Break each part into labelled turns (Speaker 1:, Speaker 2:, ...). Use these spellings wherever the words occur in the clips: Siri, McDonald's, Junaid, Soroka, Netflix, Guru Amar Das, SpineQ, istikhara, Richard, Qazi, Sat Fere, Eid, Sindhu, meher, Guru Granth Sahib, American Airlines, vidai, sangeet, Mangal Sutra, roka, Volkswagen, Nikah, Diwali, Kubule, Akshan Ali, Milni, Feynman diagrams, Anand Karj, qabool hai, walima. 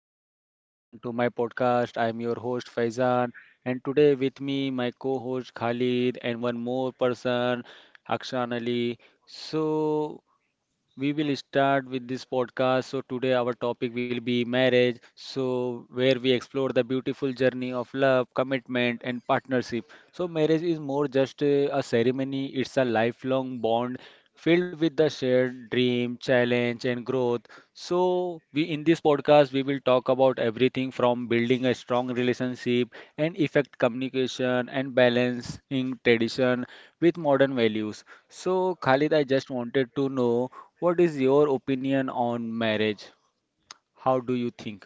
Speaker 1: Hello everyone, welcome to my podcast. I'm your host Faizan, and today with me my co-host Khalid and one more person, Akshan Ali. So we will start with this podcast. So, today our topic will be marriage. So, where we explore the beautiful journey of love, commitment, and partnership. So, marriage is more just a ceremony, it's a lifelong bond filled with the shared dream, challenge, and growth. So, we in this podcast we will talk about everything from building a strong relationship and effect communication and balancing tradition with modern values. So, Khalid, I just wanted to know, what is your opinion on marriage? How do you think?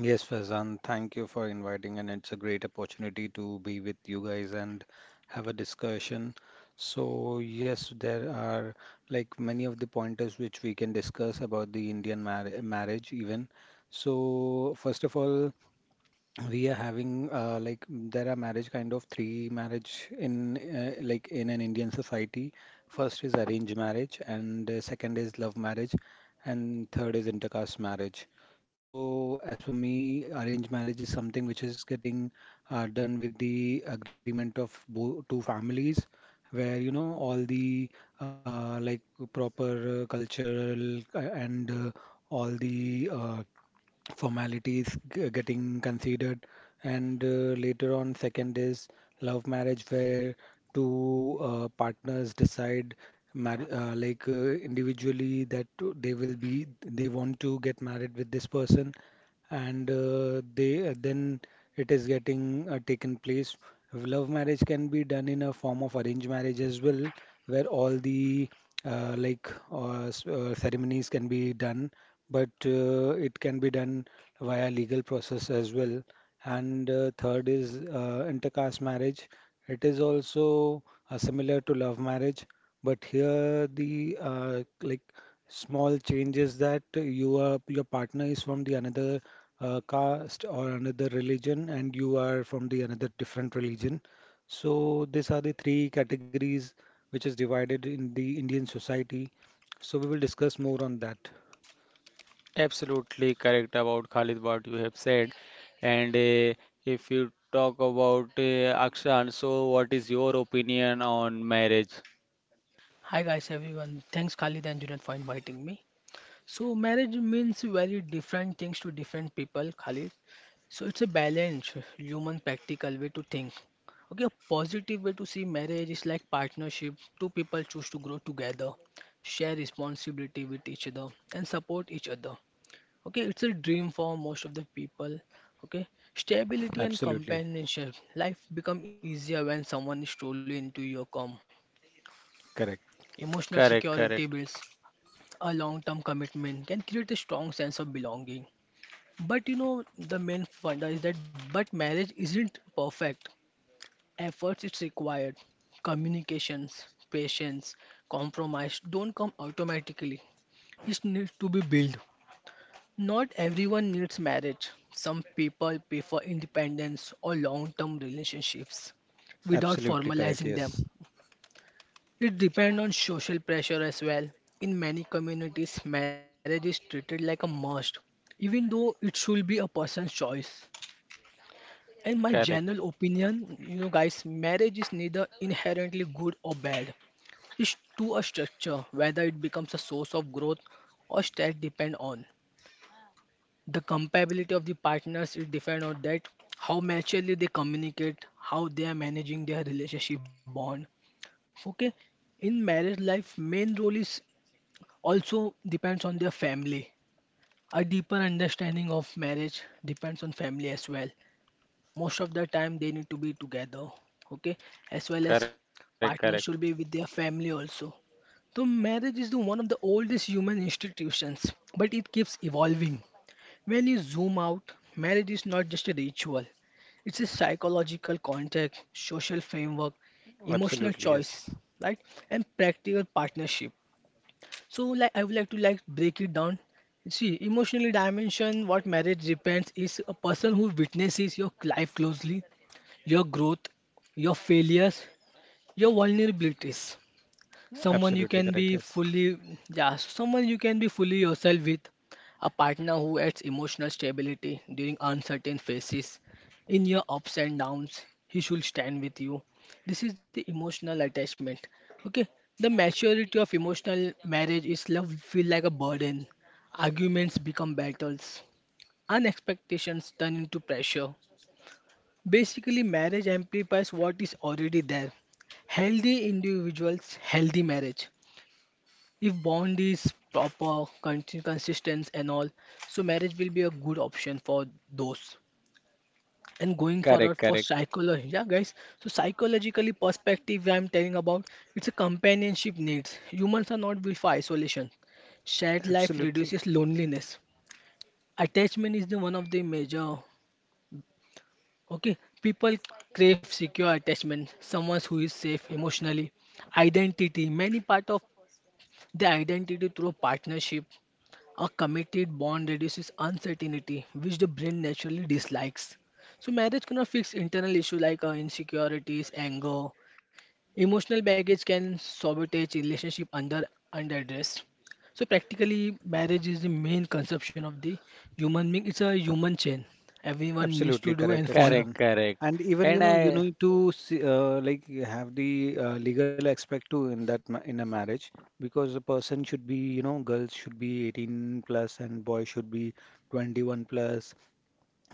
Speaker 2: Yes, Faizan, thank you for inviting, and it's a great opportunity to be with you guys and have a discussion. So, yes, there are many of the pointers which we can discuss about the Indian marriage even. So, first of all, we are having there are marriage kind of three marriage in in an Indian society. First is arranged marriage, and second is love marriage, and third is intercaste marriage. So as for me, arranged marriage is something which is getting done with the agreement of bo two families, where you know all the uh, like proper cultural and all the formalities getting considered, and later on, second is love marriage, where two partners decide mar like individually that they will be they want to get married with this person and they, then it is getting taken place. Love marriage can be done in a form of arranged marriage as well, where all the ceremonies can be done, but it can be done via legal process as well. And third is intercaste marriage. It is also similar to love marriage, but here the small changes that your partner is from the another caste or another religion, and you are from the another different religion. So these are the three categories which is divided in the Indian society. So we will discuss more on that.
Speaker 1: Absolutely correct about Khalid what you have said. And if you talk about Akshan, so what is your opinion on marriage?
Speaker 3: Hi guys, everyone. Thanks Khalid and Junaid for inviting me. So marriage means very different things to different people, Khalid. So it's a balanced, human, practical way to think. Okay, a positive way to see marriage is like partnership. Two people choose to grow together, share responsibility with each other, and support each other. Okay, it's a dream for most of the people. Okay, stability and
Speaker 2: Absolutely
Speaker 3: companionship. Life become easier when someone is truly into your com.
Speaker 2: correct.
Speaker 3: Emotional
Speaker 1: Correct,
Speaker 3: security
Speaker 1: correct,
Speaker 3: builds a long term commitment can create a strong sense of belonging. But the main funda is that, but marriage isn't perfect. Efforts is required, communications, patience, compromise don't come automatically. It needs to be built. Not everyone needs marriage. Some people prefer independence or long term relationships without
Speaker 2: Absolutely correct.
Speaker 3: formalizing them.
Speaker 2: Yes.
Speaker 3: It depends on social pressure as well. In many communities, marriage is treated like a must, even though it should be a person's choice. In my
Speaker 1: correct,
Speaker 3: general opinion, guys, marriage is neither inherently good or bad. It's to a structure, whether it becomes a source of growth or stress depend on. The compatibility of the partners is depend on that, how maturely they communicate, how they are managing their relationship bond. Okay, in marriage life, main role is also depends on their family. A deeper understanding of marriage depends on family as well. Most of the time, they need to be together, okay? As well as
Speaker 1: correct, correct.
Speaker 3: partner should be with their family also. So, marriage is the one of the oldest human institutions, but it keeps evolving. When you zoom out, marriage is not just a ritual, it's a psychological contract, social framework, emotional
Speaker 2: Absolutely
Speaker 3: choice,
Speaker 2: yes.
Speaker 3: right? And practical partnership. So like I would like to like break it down. See, emotionally dimension, what marriage depends is a person who witnesses your life closely, your growth, your failures, your vulnerabilities, someone you
Speaker 2: Absolutely
Speaker 3: can
Speaker 2: correct.
Speaker 3: be
Speaker 2: Yes.
Speaker 3: fully. Yeah, someone you can be fully yourself with, a partner who adds emotional stability during uncertain phases. In your ups and downs he should stand with you. This is the emotional attachment. Okay, the maturity of emotional marriage is love feel like a burden, arguments become battles, and turn into pressure. Basically marriage amplifies what is already there. Healthy individuals, healthy marriage. If bond is proper, consistent and all, so marriage will be a good option for those. And going forward
Speaker 1: Correct,
Speaker 3: for
Speaker 1: correct.
Speaker 3: psychology, yeah guys, so psychologically perspective I'm telling about, it's a companionship needs. Humans are not built for isolation. Shared life
Speaker 2: Absolutely.
Speaker 3: reduces loneliness. Attachment is the one of the major, okay? People crave secure attachment, someone who is safe emotionally. Identity, many part of the identity through partnership. A committed bond reduces uncertainty, which the brain naturally dislikes. So, marriage cannot fix internal issues like insecurities, anger. Emotional baggage can sabotage relationship under underdressed. So, practically, marriage is the main conception of the human being. It's a human chain. Everyone needs to
Speaker 2: Absolutely
Speaker 3: do
Speaker 2: correct,
Speaker 3: and follow.
Speaker 1: Correct,
Speaker 2: Akshan.
Speaker 1: correct.
Speaker 2: And even you
Speaker 1: And
Speaker 2: know you
Speaker 1: I
Speaker 2: need to see, have the legal aspect too in that ma in a marriage because a person should be you know girls should be 18 plus and boy should be 21 plus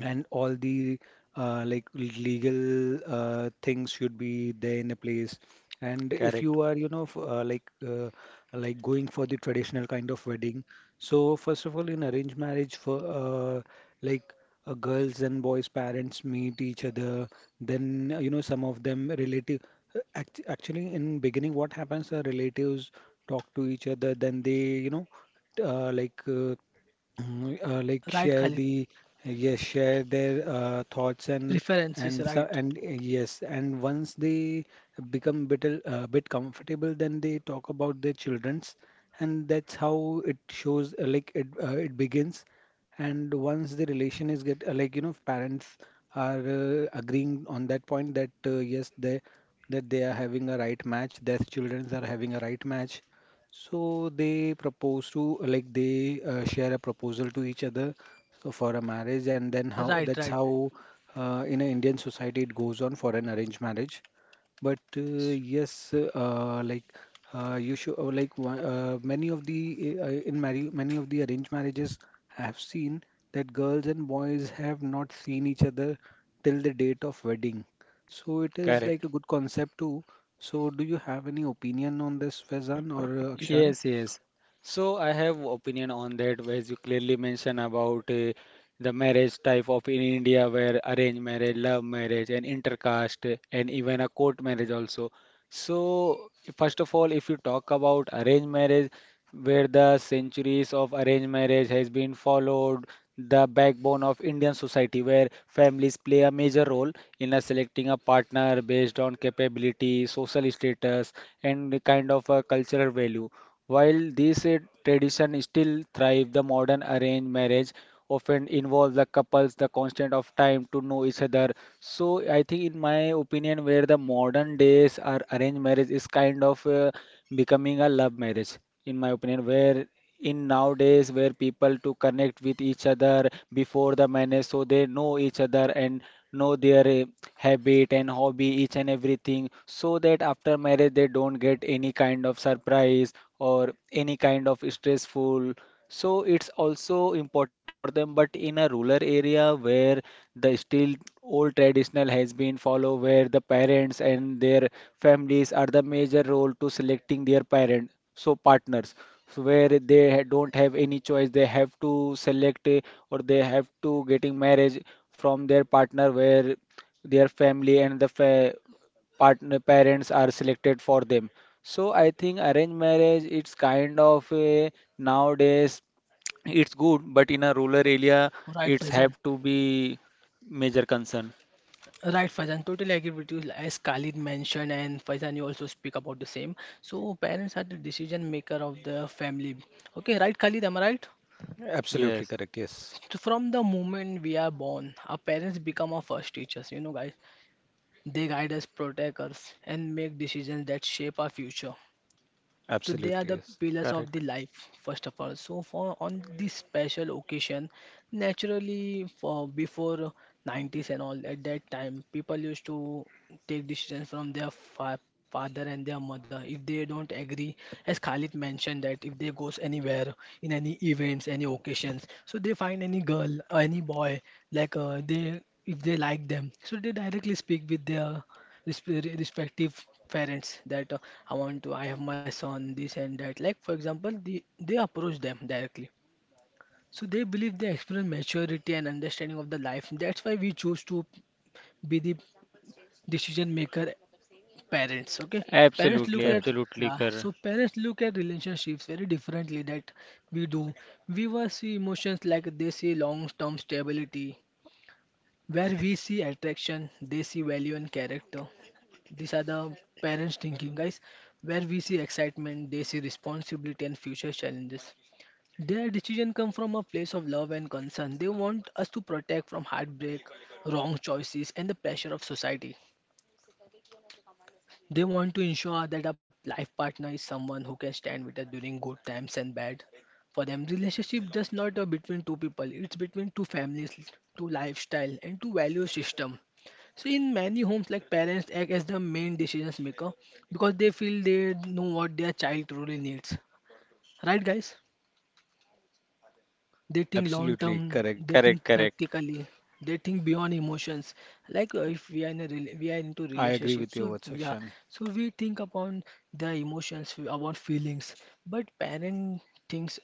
Speaker 2: and all the legal things should be there in a place. And if
Speaker 1: Correct,
Speaker 2: you are you know going for the traditional kind of wedding, so first of all in arranged marriage, for like girls' and boys' parents meet each other, then you know some of them relative, actually in beginning what happens are relatives talk to each other, then they you know uh, like uh,
Speaker 3: Right,
Speaker 2: share
Speaker 3: Khalid?
Speaker 2: the, yes, share their thoughts. And
Speaker 3: Preferences, right?
Speaker 2: yes, and once they become bit comfortable, then they talk about their children's, and that's how it shows, it begins. And once the relation is get like you know, parents are agreeing on that point that, yes, they are having a right match, their children are having a right match, so they propose to, like, they share a proposal to each other so for a marriage. And then how
Speaker 3: Right,
Speaker 2: that's
Speaker 3: right.
Speaker 2: how in an Indian society it goes on for an arranged marriage. But yes, you should, many of the, in marry many of the arranged marriages I have seen that girls and boys have not seen each other till the date of wedding. So it is like
Speaker 1: correct.
Speaker 2: a good concept too. So, do you have any opinion on this, Faizan or Akshan?
Speaker 1: Yes, yes. So I have opinion on that, as you clearly mentioned about the marriage type of in India, where arranged marriage, love marriage, and intercaste, and even a court marriage also. So, first of all, if you talk about arranged marriage, where the centuries of arranged marriage has been followed, the backbone of Indian society, where families play a major role in a selecting a partner based on capability, social status, and the kind of a cultural value. While this tradition still thrives, the modern arranged marriage often involves the couples the constant of time to know each other. So I think in my opinion, where the modern days are arranged marriage is kind of becoming a love marriage, in my opinion, where in nowadays where people to connect with each other before the marriage so they know each other and know their habit and hobby each and everything, so that after marriage they don't get any kind of surprise or any kind of stressful. So it's also important for them, but in a rural area where the still old traditional has been followed, where the parents and their families are the major role to selecting their parent, so partners, so where they don't have any choice, they have to select or they have to getting marriage from their partner, where their family and the partner parents are selected for them. So I think arranged marriage, it's kind of a nowadays it's good, but in a rural area
Speaker 3: Right,
Speaker 1: it's have
Speaker 3: Faizan.
Speaker 1: to be major concern.
Speaker 3: Right, Faizan, totally agree with you. As Khalid mentioned, and Faizan, you also speak about the same. So, parents are the decision maker of the family. Okay, right, Khalid, am I right?
Speaker 2: Absolutely
Speaker 1: Yes,
Speaker 2: correct. Yes.
Speaker 3: So from the moment we are born, our parents become our first teachers. Guys, they guide us, protect us, and make decisions that shape our future. So they are
Speaker 2: Absolutely.
Speaker 3: the
Speaker 2: Yes.
Speaker 3: pillars of the
Speaker 1: correct.
Speaker 3: life, first of all. So for on this special occasion, naturally for before '90s and all at that time, people used to take decisions from their fa father and their mother. If they don't agree, as Khalid mentioned that if they goes anywhere in any events, any occasions, so they find any girl or any boy like they if they like them, so they directly speak with their respective parents that I want to, I have my son, this and that. Like, for example, they approach them directly. So they believe they experience maturity and understanding of the life. That's why we choose to be the decision maker parents. Okay, parents
Speaker 1: absolutely
Speaker 3: look
Speaker 2: Correct.
Speaker 3: at
Speaker 1: absolutely
Speaker 3: uh,
Speaker 1: correct.
Speaker 3: so parents look at relationships very differently that we do. We will see emotions like they see long-term stability, where we see attraction, they see value and character. These are the parents thinking, guys. Where we see excitement, they see responsibility and future challenges. Their decision come from a place of love and concern. They want us to protect from heartbreak, wrong choices, and the pressure of society. They want to ensure that a life partner is someone who can stand with us during good times and bad. For them, relationship just not a between two people, it's between two families, two lifestyle and two value system. So in many homes, like parents act as the main decisions maker because they feel they know what their child truly needs. Right, guys? They think long term,
Speaker 2: Absolutely
Speaker 3: they
Speaker 2: correct.
Speaker 3: think
Speaker 1: Correct, correct,
Speaker 3: practically, they think beyond emotions. Like if we are in a we are into
Speaker 2: I agree
Speaker 3: relationship
Speaker 2: with your
Speaker 3: so
Speaker 2: words,
Speaker 3: yeah,
Speaker 2: Akshan.
Speaker 3: so we think upon their emotions about feelings, but parent thinks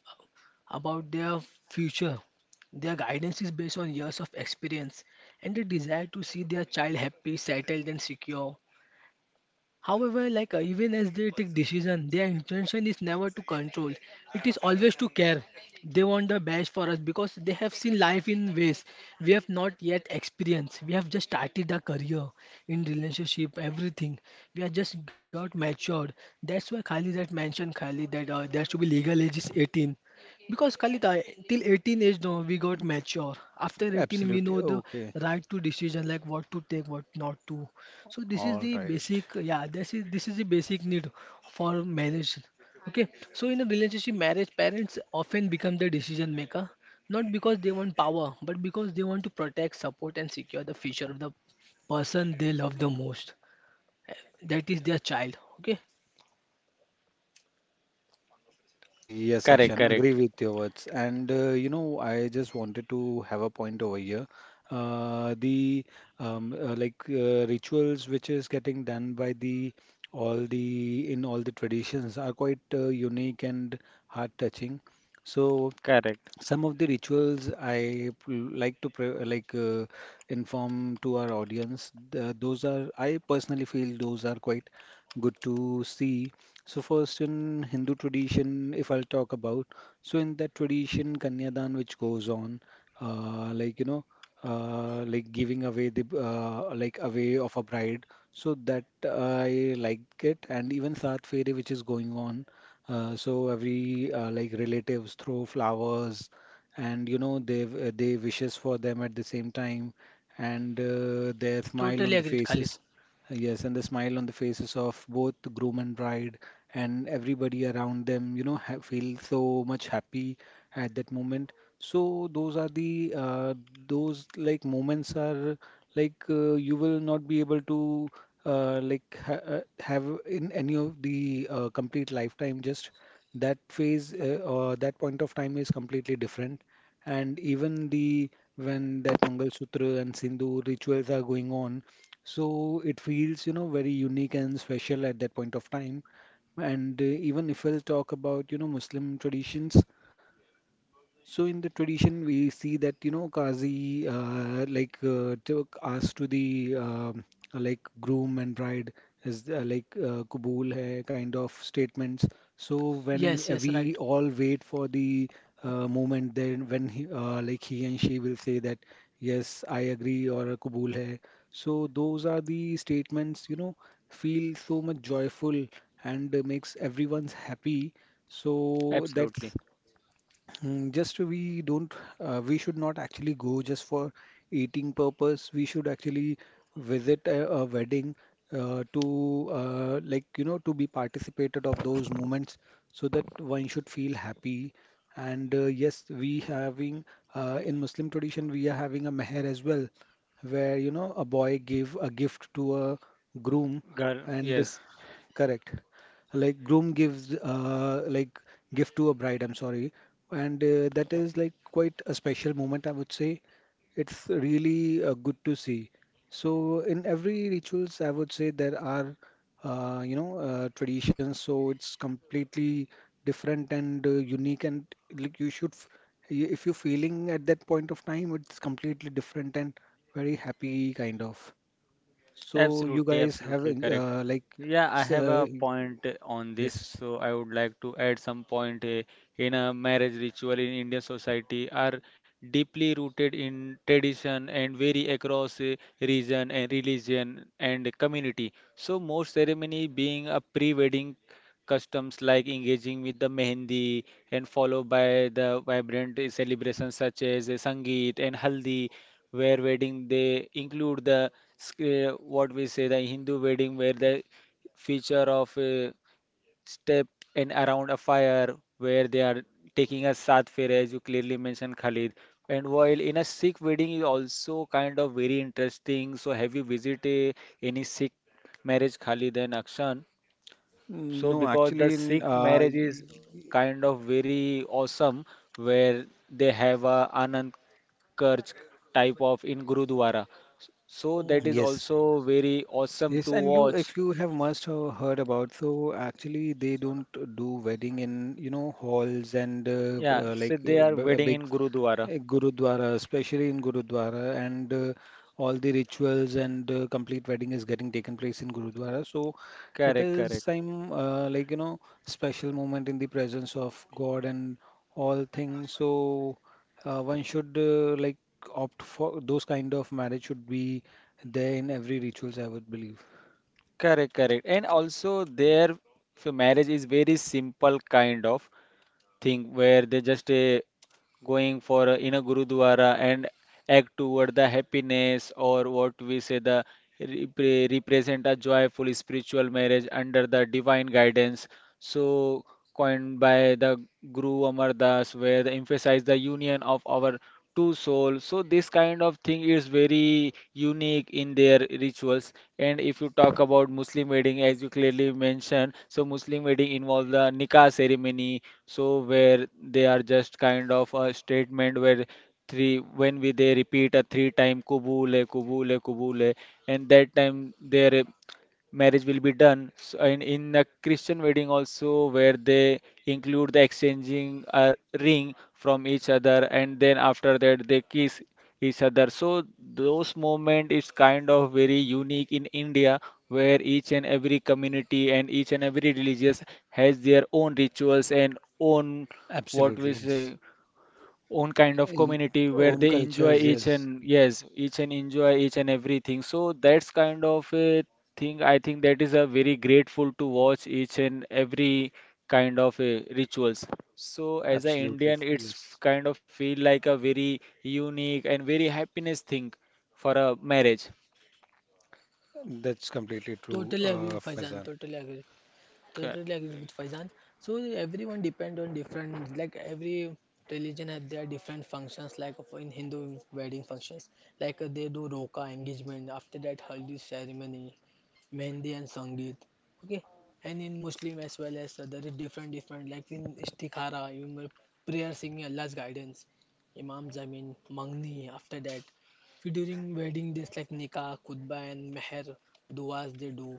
Speaker 3: about their future. Their guidance is based on years of experience and the desire to see their child happy, settled and secure. However, like even as they take decision, their intention is never to control. It is always to care. They want the best for us because they have seen life in ways we have not yet experienced. We have just started our career in relationship, everything. We have just got matured. That's why Khalid had mentioned Khalid that there should be legal age is 18. Because Khalid, till 18 age, no, we got mature. After 18, we
Speaker 2: Absolutely.
Speaker 3: know the
Speaker 2: Okay.
Speaker 3: right to decision, like what to take, what not to. So this is
Speaker 2: All
Speaker 3: the
Speaker 2: right.
Speaker 3: basic, yeah, this is the basic need for marriage. Okay. So in a relationship marriage, parents often become the decision maker, not because they want power, but because they want to protect, support, and secure the future of the person they love the most. Eh, That is their child. Okay.
Speaker 2: Yes,
Speaker 1: correct,
Speaker 2: Akshan. Agree
Speaker 1: correct,
Speaker 2: with your words. And you know, I just wanted to have a point over here. The rituals which is getting done by the all the traditions are quite unique and heart touching. So
Speaker 1: correct.
Speaker 2: some of the rituals I p- like to pre like inform to our audience, those are, I personally feel those are quite good to see. So first, in Hindu tradition, if I'll talk about, so in that tradition, Kanyadan, which goes on, uh, like you know, giving away the away of a bride. So that I like it. And even Sat Fere, which is going on. So every relatives throw flowers and you know they they wishes for them at the same time, and their smile on
Speaker 3: Totally
Speaker 2: the
Speaker 3: agreed, Khalid.
Speaker 2: faces, yes, and the smile on the faces of both the groom and bride and everybody around them, you know, ha feel so much happy at that moment. So those are the those like moments are you will not be able to like ha have in any of the complete lifetime. Just that phase, or that point of time, is completely different. And even the, when that Mangal Sutra and Sindhu rituals are going on, so it feels, you know, very unique and special at that point of time. And even if we'll talk about, you know, Muslim traditions, so in the tradition, we see that, you know, Qazi took asked to the groom and bride is qabool hai kind of statements. So when
Speaker 3: Yes, yes,
Speaker 2: we
Speaker 3: right.
Speaker 2: all wait for the moment, then when he, he and she will say that, yes, I agree, or kabul hai. So those are the statements, you know, feel so much joyful and makes everyone's happy. So
Speaker 1: Absolutely.
Speaker 2: that's, mm, just we don't, we should not actually go just for eating purpose. We should actually visit a wedding to you know to be participated of those moments, so that one should feel happy. And yes, we having in Muslim tradition we are having a meher as well, where you know a boy gave a gift to a groom,
Speaker 1: Girl,
Speaker 2: and
Speaker 1: yes,
Speaker 2: correct, like groom gives gift to a bride, I'm sorry. And that is like quite a special moment, I would say. It's really good to see. So in every rituals, I would say, there are you know traditions. So it's completely different and unique, and you should, if you're feeling at that point of time, it's completely different and very happy kind of. So you
Speaker 1: absolutely,
Speaker 2: guys have
Speaker 1: absolutely correct. Yeah, I
Speaker 2: s-
Speaker 1: have
Speaker 2: uh,
Speaker 1: a point on this,
Speaker 2: yes.
Speaker 1: so I would like to add some point in a marriage ritual in Indian society are deeply rooted in tradition and vary across region and religion and community. So most ceremony being a pre-wedding customs like engaging with the mehendi and followed by the vibrant celebrations such as sangeet and haldi, where wedding they include the what we say the Hindu wedding, where the feature of a step and around a fire, where they are taking a sat fair, as you clearly mentioned Khalid. And while in a Sikh wedding is also kind of very interesting. So have you visited any Sikh marriage, Khalid and Akshan? So
Speaker 2: No,
Speaker 1: because the
Speaker 2: actually, in
Speaker 1: Sikh marriage is kind of very awesome, where they have a Anand Karj type of in Gurudwara. So
Speaker 3: Oh,
Speaker 1: that is
Speaker 2: yes,
Speaker 1: also very awesome
Speaker 2: yes,
Speaker 1: to
Speaker 2: and you,
Speaker 1: watch.
Speaker 2: if you have must have heard about, so actually they don't do wedding in you know halls and
Speaker 1: Yeah, so they are wedding
Speaker 2: big,
Speaker 1: in Gurudwara.
Speaker 2: Gurudwara, especially in Gurudwara, and all the rituals and complete wedding is getting taken place in Gurudwara. So
Speaker 1: Correct,
Speaker 2: it
Speaker 1: correct,
Speaker 2: is some you know special moment in the presence of God and all things. So one should opt for those kind of marriage, should be there in every rituals, I would believe.
Speaker 1: correct, correct. And also their marriage is very simple kind of thing, where they just going for in a Gurudwara and act toward the happiness, or what we say, the represent a joyful spiritual marriage under the divine guidance, so coined by the Guru Amar Das, where they emphasize the union of our to soul. So this kind of thing is very unique in their rituals. And if you talk about Muslim wedding, as you clearly mentioned, so Muslim wedding involves the nikah ceremony, so where they are just kind of a statement where three when we they repeat a three time kubule kubule kubule, and that time their marriage will be done. So in a Christian wedding also, where they include the exchanging a ring from each other, and then after that they kiss each other. So those moment is kind of very unique in India, where each and every community and each and every religious has their own rituals and own, what we
Speaker 2: Absolutely,
Speaker 1: say,
Speaker 2: yes.
Speaker 1: own kind of
Speaker 2: Eh,
Speaker 1: community, where
Speaker 2: Own
Speaker 1: they enjoy
Speaker 2: cultures,
Speaker 1: each
Speaker 2: yes.
Speaker 1: and, yes, each and enjoy each and everything. So that's kind of a thing, I think, that is a very grateful to watch each and every kind of rituals. So as an
Speaker 2: Absolutely,
Speaker 1: Indian, it's
Speaker 2: yes.
Speaker 1: kind of feel like a very unique and very happiness thing for a marriage.
Speaker 2: That's completely true,
Speaker 3: totally agreed, Faizan.
Speaker 2: Faizan.
Speaker 3: Totally agreed.
Speaker 1: Correct,
Speaker 3: Totally agree with Faizan. So everyone depend on different, like every religion has their different functions, like for in Hindu wedding functions like they do roka engagement, after that haldi ceremony, mehndi and sangeet. Okay, and in Muslim as well as there is different different, like in istikhara, you know, prayer singing Allah's guidance, imams, I mean mangni. After that, during wedding days like nikah, khutbah and meher, duas they do.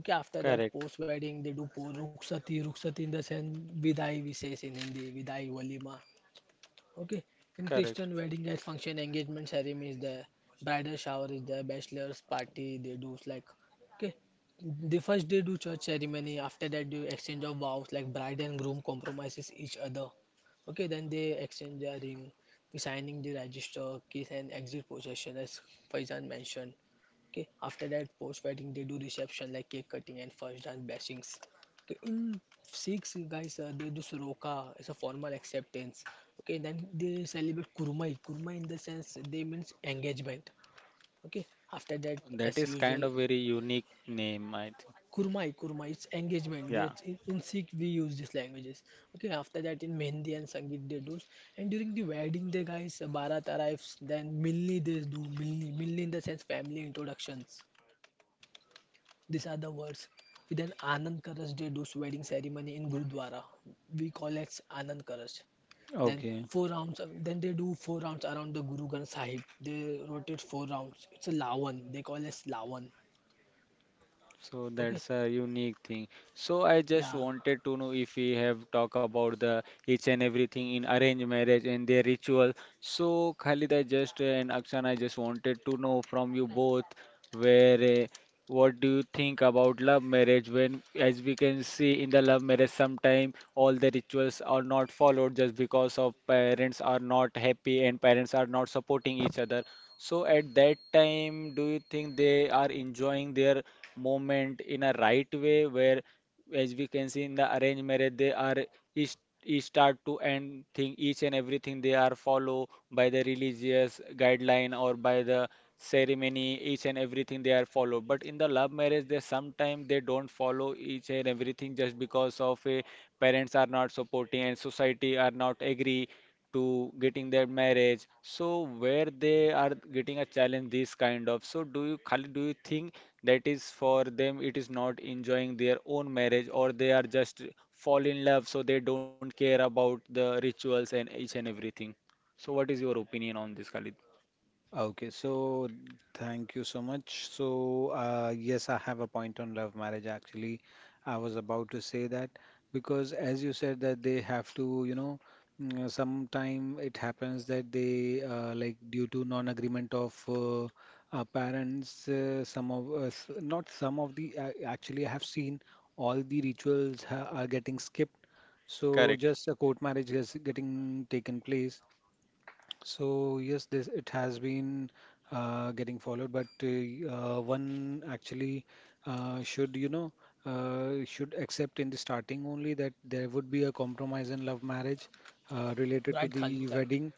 Speaker 3: Okay, after that
Speaker 1: correct,
Speaker 3: post wedding they do ruksati, ruksati in the sense vidai, we says in Hindi, vidai walima. Okay, in
Speaker 1: correct.
Speaker 3: Christian wedding guys, function, engagement ceremony is there, bridal shower is there, bachelor's party they do like. Okay, the first day do church ceremony, after that do exchange of vows like bride and groom compromises each other. Okay, then they exchange their ring, signing the register, kiss and exit possession as Faizan mentioned. Okay, after that post wedding they do reception like cake cutting and first dance blessings. Okay, in Sikhs, guys, they do Soroka as a formal acceptance. Okay, then they celebrate Kurmai. Kurmai in the sense they means engagement. Okay, after that,
Speaker 1: That
Speaker 3: as
Speaker 1: is kind
Speaker 3: usual,
Speaker 1: of very unique name, I think.
Speaker 3: Kurmai, Kurmai, it's engagement.
Speaker 1: Yeah.
Speaker 3: That in Sikh we use these languages. Okay, after that in Mehndi and Sangeet they do. And during the wedding, they guys Bharat arrives. Then Milni, they do Milni. Milni in the sense family introductions. These are the words. We then Anand Karaj, they do wedding ceremony in Gurudwara. We call it Anand Karaj. Then four
Speaker 2: Okay.
Speaker 3: rounds. Then they do four rounds around the Guru Granth Sahib. They rotate four rounds. It's a Lawan. They call it Lawan.
Speaker 1: So
Speaker 3: Okay.
Speaker 1: that's a unique thing. So I
Speaker 3: Yeah.
Speaker 1: just wanted to know if we have talked about the each and everything in arranged marriage and their ritual. So Khalid, I just and Akshan, I just wanted to know from you both, where what do you think about love marriage, when, as we can see in the love marriage, sometime all the rituals are not followed just because of parents are not happy and parents are not supporting each other. So at that time, do you think they are enjoying their moment in a right way, where, as we can see in the arranged marriage, they are each, each start to end thing, each and everything they are follow by the religious guideline or by the ceremony, each and everything they are follow. But in the love marriage, they sometimes they don't follow each and everything just because of a parents are not supporting and society are not agree to getting their marriage. So where they are getting a challenge, this kind of. So do you, Khalid, do you think that is for them? It is not enjoying their own marriage, or they are just fall in love, so they don't care about the rituals and each and everything. So what is your opinion on this, Khalid?
Speaker 2: Okay, so thank you so much. So, yes, I have a point on love marriage actually. I was about to say that because, as you said, that they have to, you know, mm, sometime it happens that they, due to non-agreement of parents, some of us, not some of the, actually, I have seen all the rituals ha are getting skipped. So,
Speaker 1: Correct.
Speaker 2: just a court marriage is getting taken place. So yes, this it has been getting followed, but one actually should you know should accept in the starting only that there would be a compromise in love marriage related
Speaker 3: Right,
Speaker 2: to
Speaker 3: Khalid.
Speaker 2: the
Speaker 3: Right.
Speaker 2: wedding.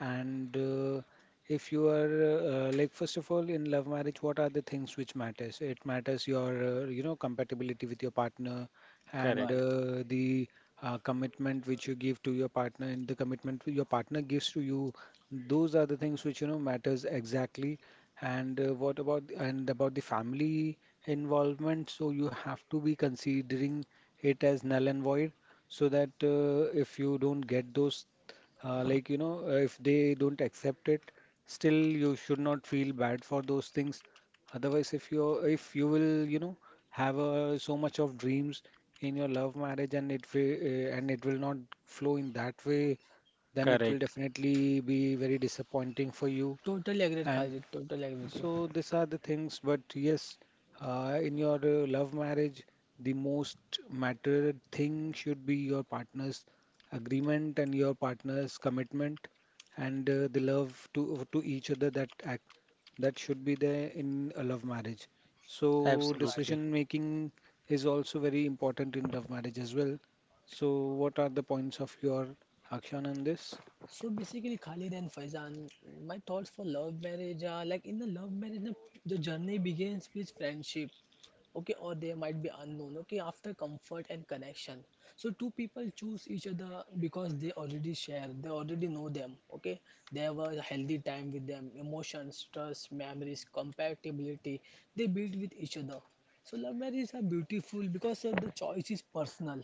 Speaker 2: And if you are first of all, in love marriage, what are the things which matters? It matters your, you know, compatibility with your partner, and
Speaker 3: Right.
Speaker 1: Correct.
Speaker 2: the commitment which you give to your partner and the commitment your partner gives to you. Those are the things which, you know, matters exactly. And what about, and about the family involvement? So you have to be considering it as null and void, so that if you don't get those, you know, if they don't accept it, still you should not feel bad for those things. Otherwise, if you will, you know, have so much of dreams in your love marriage, and it will not flow in that way, then it will
Speaker 1: Correct.
Speaker 2: definitely be very disappointing for you.
Speaker 3: Totally agreed,
Speaker 2: And
Speaker 3: Khalid. Totally agree with you.
Speaker 2: so these are the things. But yes, in your love marriage, the most mattered thing should be your partner's agreement and your partner's commitment and the love to each other, that act that should be there in a love marriage. So
Speaker 3: Right.
Speaker 1: Absolutely.
Speaker 2: decision
Speaker 3: Right.
Speaker 2: making is also very important in love marriage as well. So what are the points of your action on this?
Speaker 3: So basically, Khalid and Faizan, my thoughts for love marriage are like in the love marriage, the journey begins with friendship. Okay, or they might be unknown. Okay, after comfort and connection, so two people choose each other because they already share, they already know them. Okay, they have a healthy time with them, emotions, trust, memories, compatibility they build with each other. So love marriages are beautiful because of the choice is personal.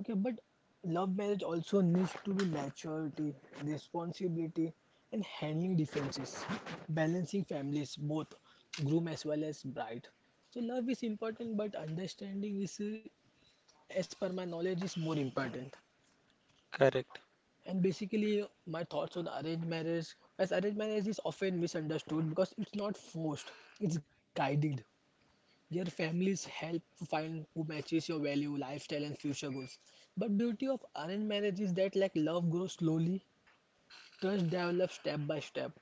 Speaker 3: Okay, but love marriage also needs to be maturity, responsibility, and handling differences, balancing families, both groom as well as bride. So love is important, but understanding is, as per my knowledge, is more important.
Speaker 1: Correct.
Speaker 3: And basically, my thoughts on arranged marriage, as arranged marriage is often misunderstood because it's not forced, it's guided. Your families help find who matches your value, lifestyle, and future goals. But beauty of arranged marriage is that like love grows slowly, trust develops step by step.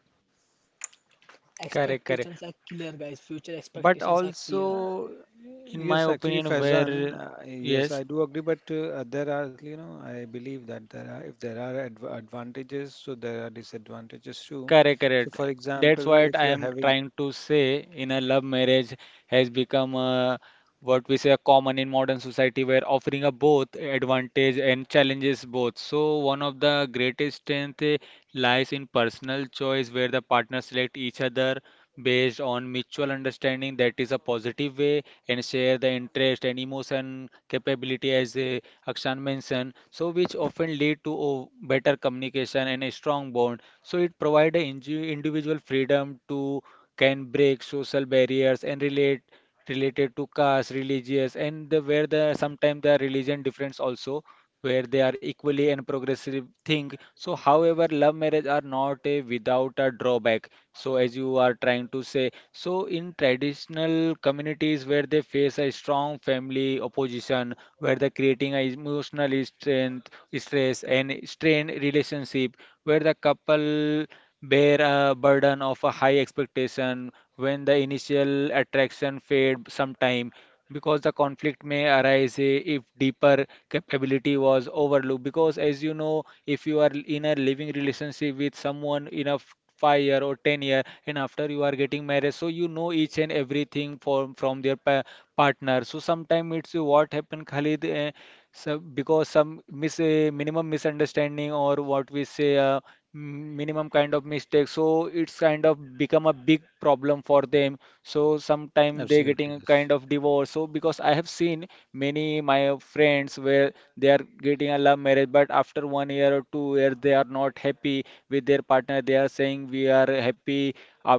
Speaker 1: Correct. Correct.
Speaker 3: Expectations are clear, guys. Future
Speaker 1: But
Speaker 3: expectations are clear.
Speaker 2: Uh,
Speaker 1: also, in my
Speaker 2: Yes, actually,
Speaker 1: opinion,
Speaker 2: Faizan,
Speaker 1: where
Speaker 2: yes,
Speaker 1: yes,
Speaker 2: I do agree, but there are, you know, I believe that there are, if there are advantages, so there are disadvantages too.
Speaker 1: correct,
Speaker 2: So,
Speaker 1: correct.
Speaker 2: for
Speaker 1: That's
Speaker 2: example,
Speaker 1: what
Speaker 2: if
Speaker 1: I
Speaker 2: you're
Speaker 1: am
Speaker 2: having,
Speaker 1: trying to say. In a love marriage has become a, what we say, are common in modern society, where offering a both advantage and challenges both. So one of the greatest strength lies in personal choice, where the partners select each other based on mutual understanding, that is a positive way, and share the interest and emotion capability, as Akshan mentioned, so which often lead to better communication and a strong bond. So it provides individual freedom to can break social barriers and relate related to caste, religious, and the, where the sometimes the religion difference also, where they are equally and progressive thing. So however love marriage are not a without a drawback. So as you are trying to say, so in traditional communities where they face a strong family opposition, where they're creating a emotional strength, stress and strained relationship, where the couple bear a burden of a high expectation, when the initial attraction fade sometime, because the conflict may arise, if deeper capability was overlooked. Because, as you know, if you are in a living relationship with someone in a 5 year or 10 year, and after you are getting married, so you know each and everything from their pa partner. So sometimes it's, what happened, Khalid? So because some minimum misunderstanding or what we say minimum kind of mistake, so it's kind of become a big problem for them. So sometime they getting
Speaker 2: absolutely,
Speaker 1: a
Speaker 2: yes.
Speaker 1: kind of divorce. So because I have seen many my friends where they are getting a love marriage, but after 1 year or 2 years they are not happy with their partner. They are saying we are happy uh,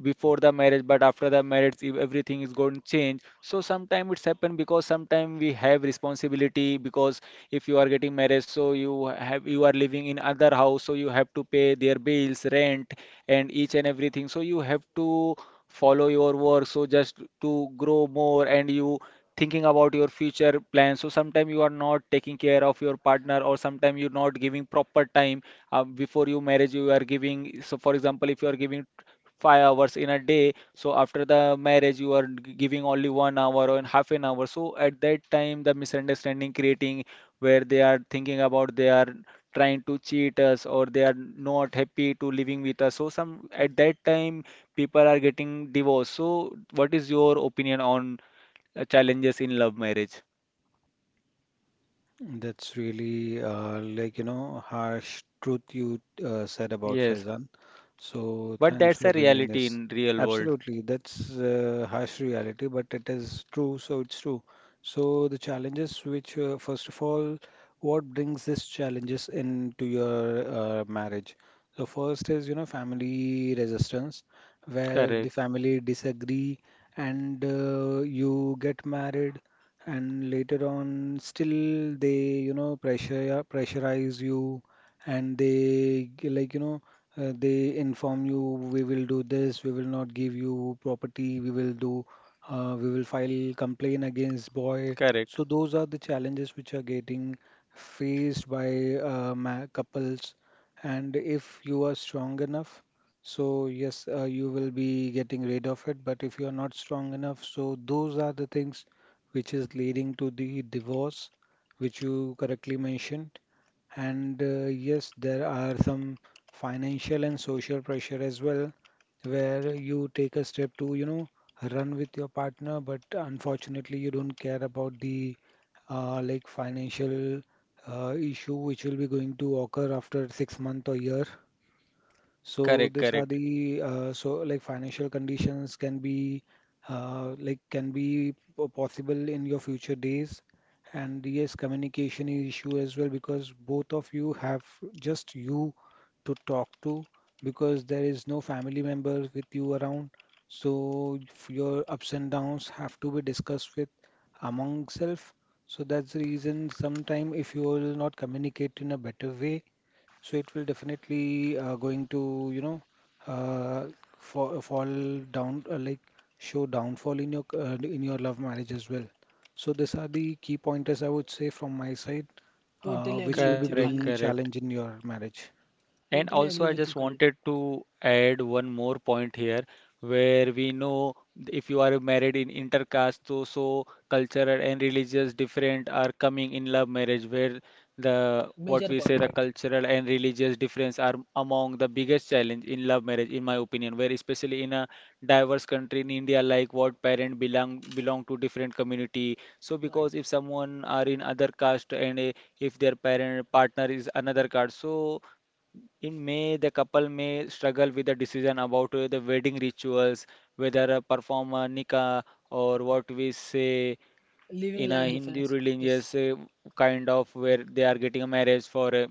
Speaker 1: before the marriage, but after the marriage if everything is going to change. So sometimes it's happened because sometimes we have responsibility. Because if you are getting married, so you are living in other house, so you have to pay their bills, rent, and each and everything. So you have to follow your work, so just to grow more and you thinking about your future plans. So sometimes you are not taking care of your partner or sometimes you're not giving proper time. Before you marriage you are giving. So for example if you are giving 5 hours in a day, so after the marriage you are giving only 1 hour or half an hour. So at that time the misunderstanding creating where they are thinking about they are trying to cheat us, or they are not happy to living with us. So some at that time people are getting divorced. So, what is your opinion on challenges in love marriage?
Speaker 2: That's really like you know harsh truth you said about
Speaker 1: Yes,
Speaker 2: Faizan. So
Speaker 1: but
Speaker 2: thanks
Speaker 1: that's
Speaker 2: for
Speaker 1: a
Speaker 2: bringing
Speaker 1: reality
Speaker 2: this.
Speaker 1: in real world.
Speaker 2: Absolutely, that's harsh reality, but it is true, so it's true. So the challenges, which first of all, what brings these challenges into your marriage? So first is you know family resistance, where the
Speaker 1: Correct,
Speaker 2: family disagree and you get married and later on still they you know pressure pressurize you and like you know they inform you we will do this we will not give you property we will do we will file complaint against boy. So
Speaker 1: correct,
Speaker 2: those are the challenges which are getting faced by ma couples, and if you are strong enough so yes, you will be getting rid of it, but if you are not strong enough, so those are the things which is leading to the divorce, which you correctly mentioned. And yes, there are some financial and social pressure as well, where you take a step to, you know, run with your partner, but unfortunately, you don't care about the like financial issue which will be going to occur after 6 months or year. So
Speaker 1: correct,
Speaker 2: these are
Speaker 1: correct.
Speaker 2: the so like financial conditions can be like can be possible in your future days. And yes, communication is issue as well because both of you have just you to talk to because there is no family member with you around. So your ups and downs have to be discussed with among self. So that's the reason sometime if you will not communicate in a better way, so it will definitely going to, you know, uh, fall down, like show downfall in in your love marriage as well. So these are the key pointers I would say from my side,
Speaker 3: Totally
Speaker 2: which
Speaker 3: agree
Speaker 2: will be
Speaker 3: with you,
Speaker 1: Correct,
Speaker 3: Khalid.
Speaker 2: bringing
Speaker 1: correct.
Speaker 2: challenge in your marriage.
Speaker 1: And
Speaker 3: Totally
Speaker 1: also,
Speaker 3: agree
Speaker 1: I
Speaker 3: with
Speaker 1: just
Speaker 3: you, Khalid.
Speaker 1: wanted to add one more point here, where we know if you are married in intercaste, so cultural and religious different are coming in love marriage, where the
Speaker 3: Major
Speaker 1: what
Speaker 3: point,
Speaker 1: we
Speaker 3: right?
Speaker 1: say the cultural and religious difference are among the biggest challenge in love marriage, in my opinion. Where especially in a diverse country in India, like what parent belong to different community. So because
Speaker 3: Right.
Speaker 1: if someone are in other caste and if their parent partner is another caste, so in May, the couple may struggle with the decision about the wedding rituals, whether perform a nikah or what we say
Speaker 3: Living
Speaker 1: in a
Speaker 3: life
Speaker 1: Hindu
Speaker 3: differences.
Speaker 1: religious kind of where they are getting a marriage for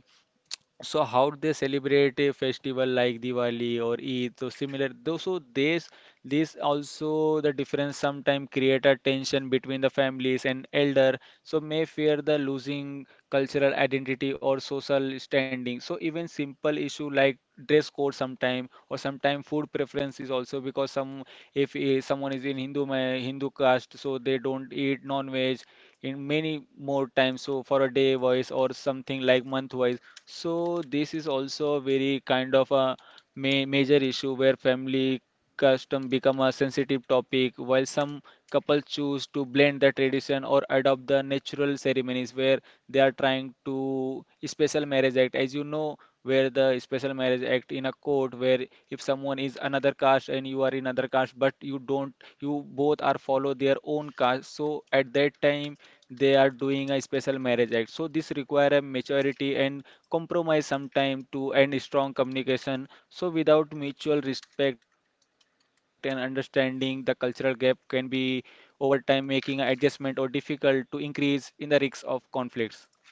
Speaker 1: so how they celebrate a festival like Diwali or Eid, so similar. Though so this also the difference sometimes create a tension between the families and elder, so may fear the losing cultural identity or social standing. So even simple issue like dress code sometime or sometime food preference is also. Because some if someone is in Hindu Hindu caste, so they don't eat non-veg in many more times. So for a day wise or something like month wise. So this is also a very kind of a ma major issue where family custom become a sensitive topic, while some couples choose to blend the tradition or adopt the natural ceremonies where they are trying to special marriage act, as you know, where the special marriage act in a court where if someone is another caste and you are in another caste, but you don't, you both are follow their own caste. So at that time they are doing a special marriage act. So this require a maturity and compromise sometime to end strong communication. So without mutual respect and understanding, the cultural gap can be over time making an adjustment or difficult to increase in the risk of conflicts.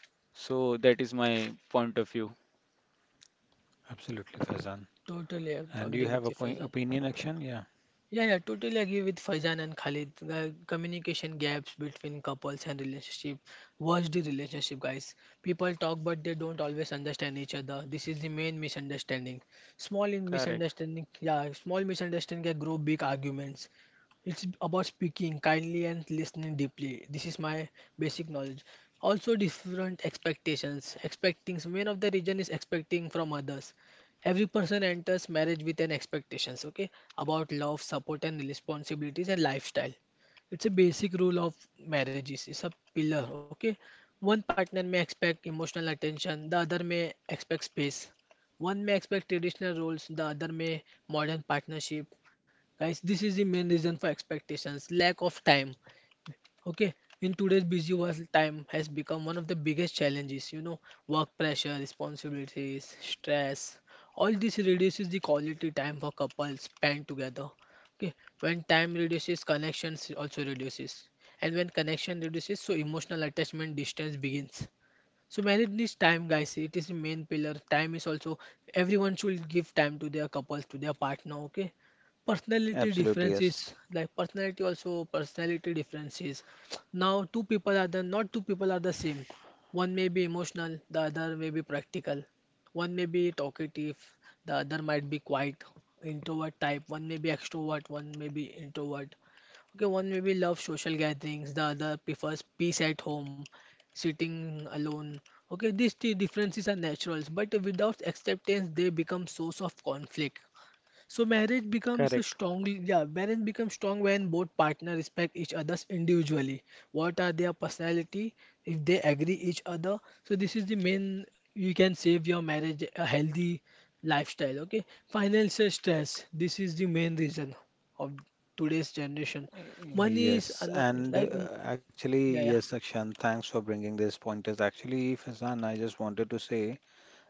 Speaker 1: So that is my point of view.
Speaker 2: Absolutely, Faizan.
Speaker 3: Totally ag-
Speaker 2: And
Speaker 3: agree
Speaker 2: you have
Speaker 3: with
Speaker 2: a
Speaker 3: you,
Speaker 2: point,
Speaker 3: Faisal.
Speaker 2: opinion, action? Yeah.
Speaker 3: Yeah, yeah, totally agree with Faizan and Khalid. The communication gaps between couples and relationship. Watch the relationship, guys? People talk, but they don't always understand each other. This is the main misunderstanding. Small in
Speaker 1: Correct,
Speaker 3: misunderstanding, yeah, small misunderstanding can grow big arguments. It's about speaking kindly and listening deeply. This is my basic knowledge. Also, different expectations. Expecting one of the region is expecting from others. Every person enters marriage with an expectations, okay, about love, support, and responsibilities and lifestyle. It's a basic rule of marriages. It's a pillar, okay. One partner may expect emotional attention, the other may expect space. One may expect traditional roles, the other may modern partnership. Guys, this is the main reason for expectations. Lack of time. Okay, in today's busy world, time has become one of the biggest challenges. Work pressure, responsibilities, stress. All this reduces the quality time for couples spent together. Okay, when time reduces, connections also reduces, and when connection reduces, so emotional attachment distance begins. So marriage needs time, guys. It is the main pillar. Time is also everyone should give time to their couples, to their partner. Okay. Personality
Speaker 2: Absolutely, yes.
Speaker 3: differences, like personality also personality differences. Now two people are the not two people are the same. One may be emotional, the other may be practical. One may be talkative, the other might be quiet, introvert type. One may be extrovert, one may be introvert. Okay, one maybe loves social gatherings, the other prefers peace at home sitting alone. Okay, these two differences are natural, but without acceptance, they become source of conflict. So marriage becomes strong. Yeah, marriage becomes strong when both partners respect each other's individually. What are their personality? If they agree each other, so this is the main you can save your marriage a healthy lifestyle. Okay, financial stress. This is the main reason of today's generation. Money is
Speaker 2: Yes, and
Speaker 3: like,
Speaker 2: actually,
Speaker 3: yeah, yeah.
Speaker 2: yes, Akshan, thanks for bringing these pointers. Actually, Faizan, I just wanted to say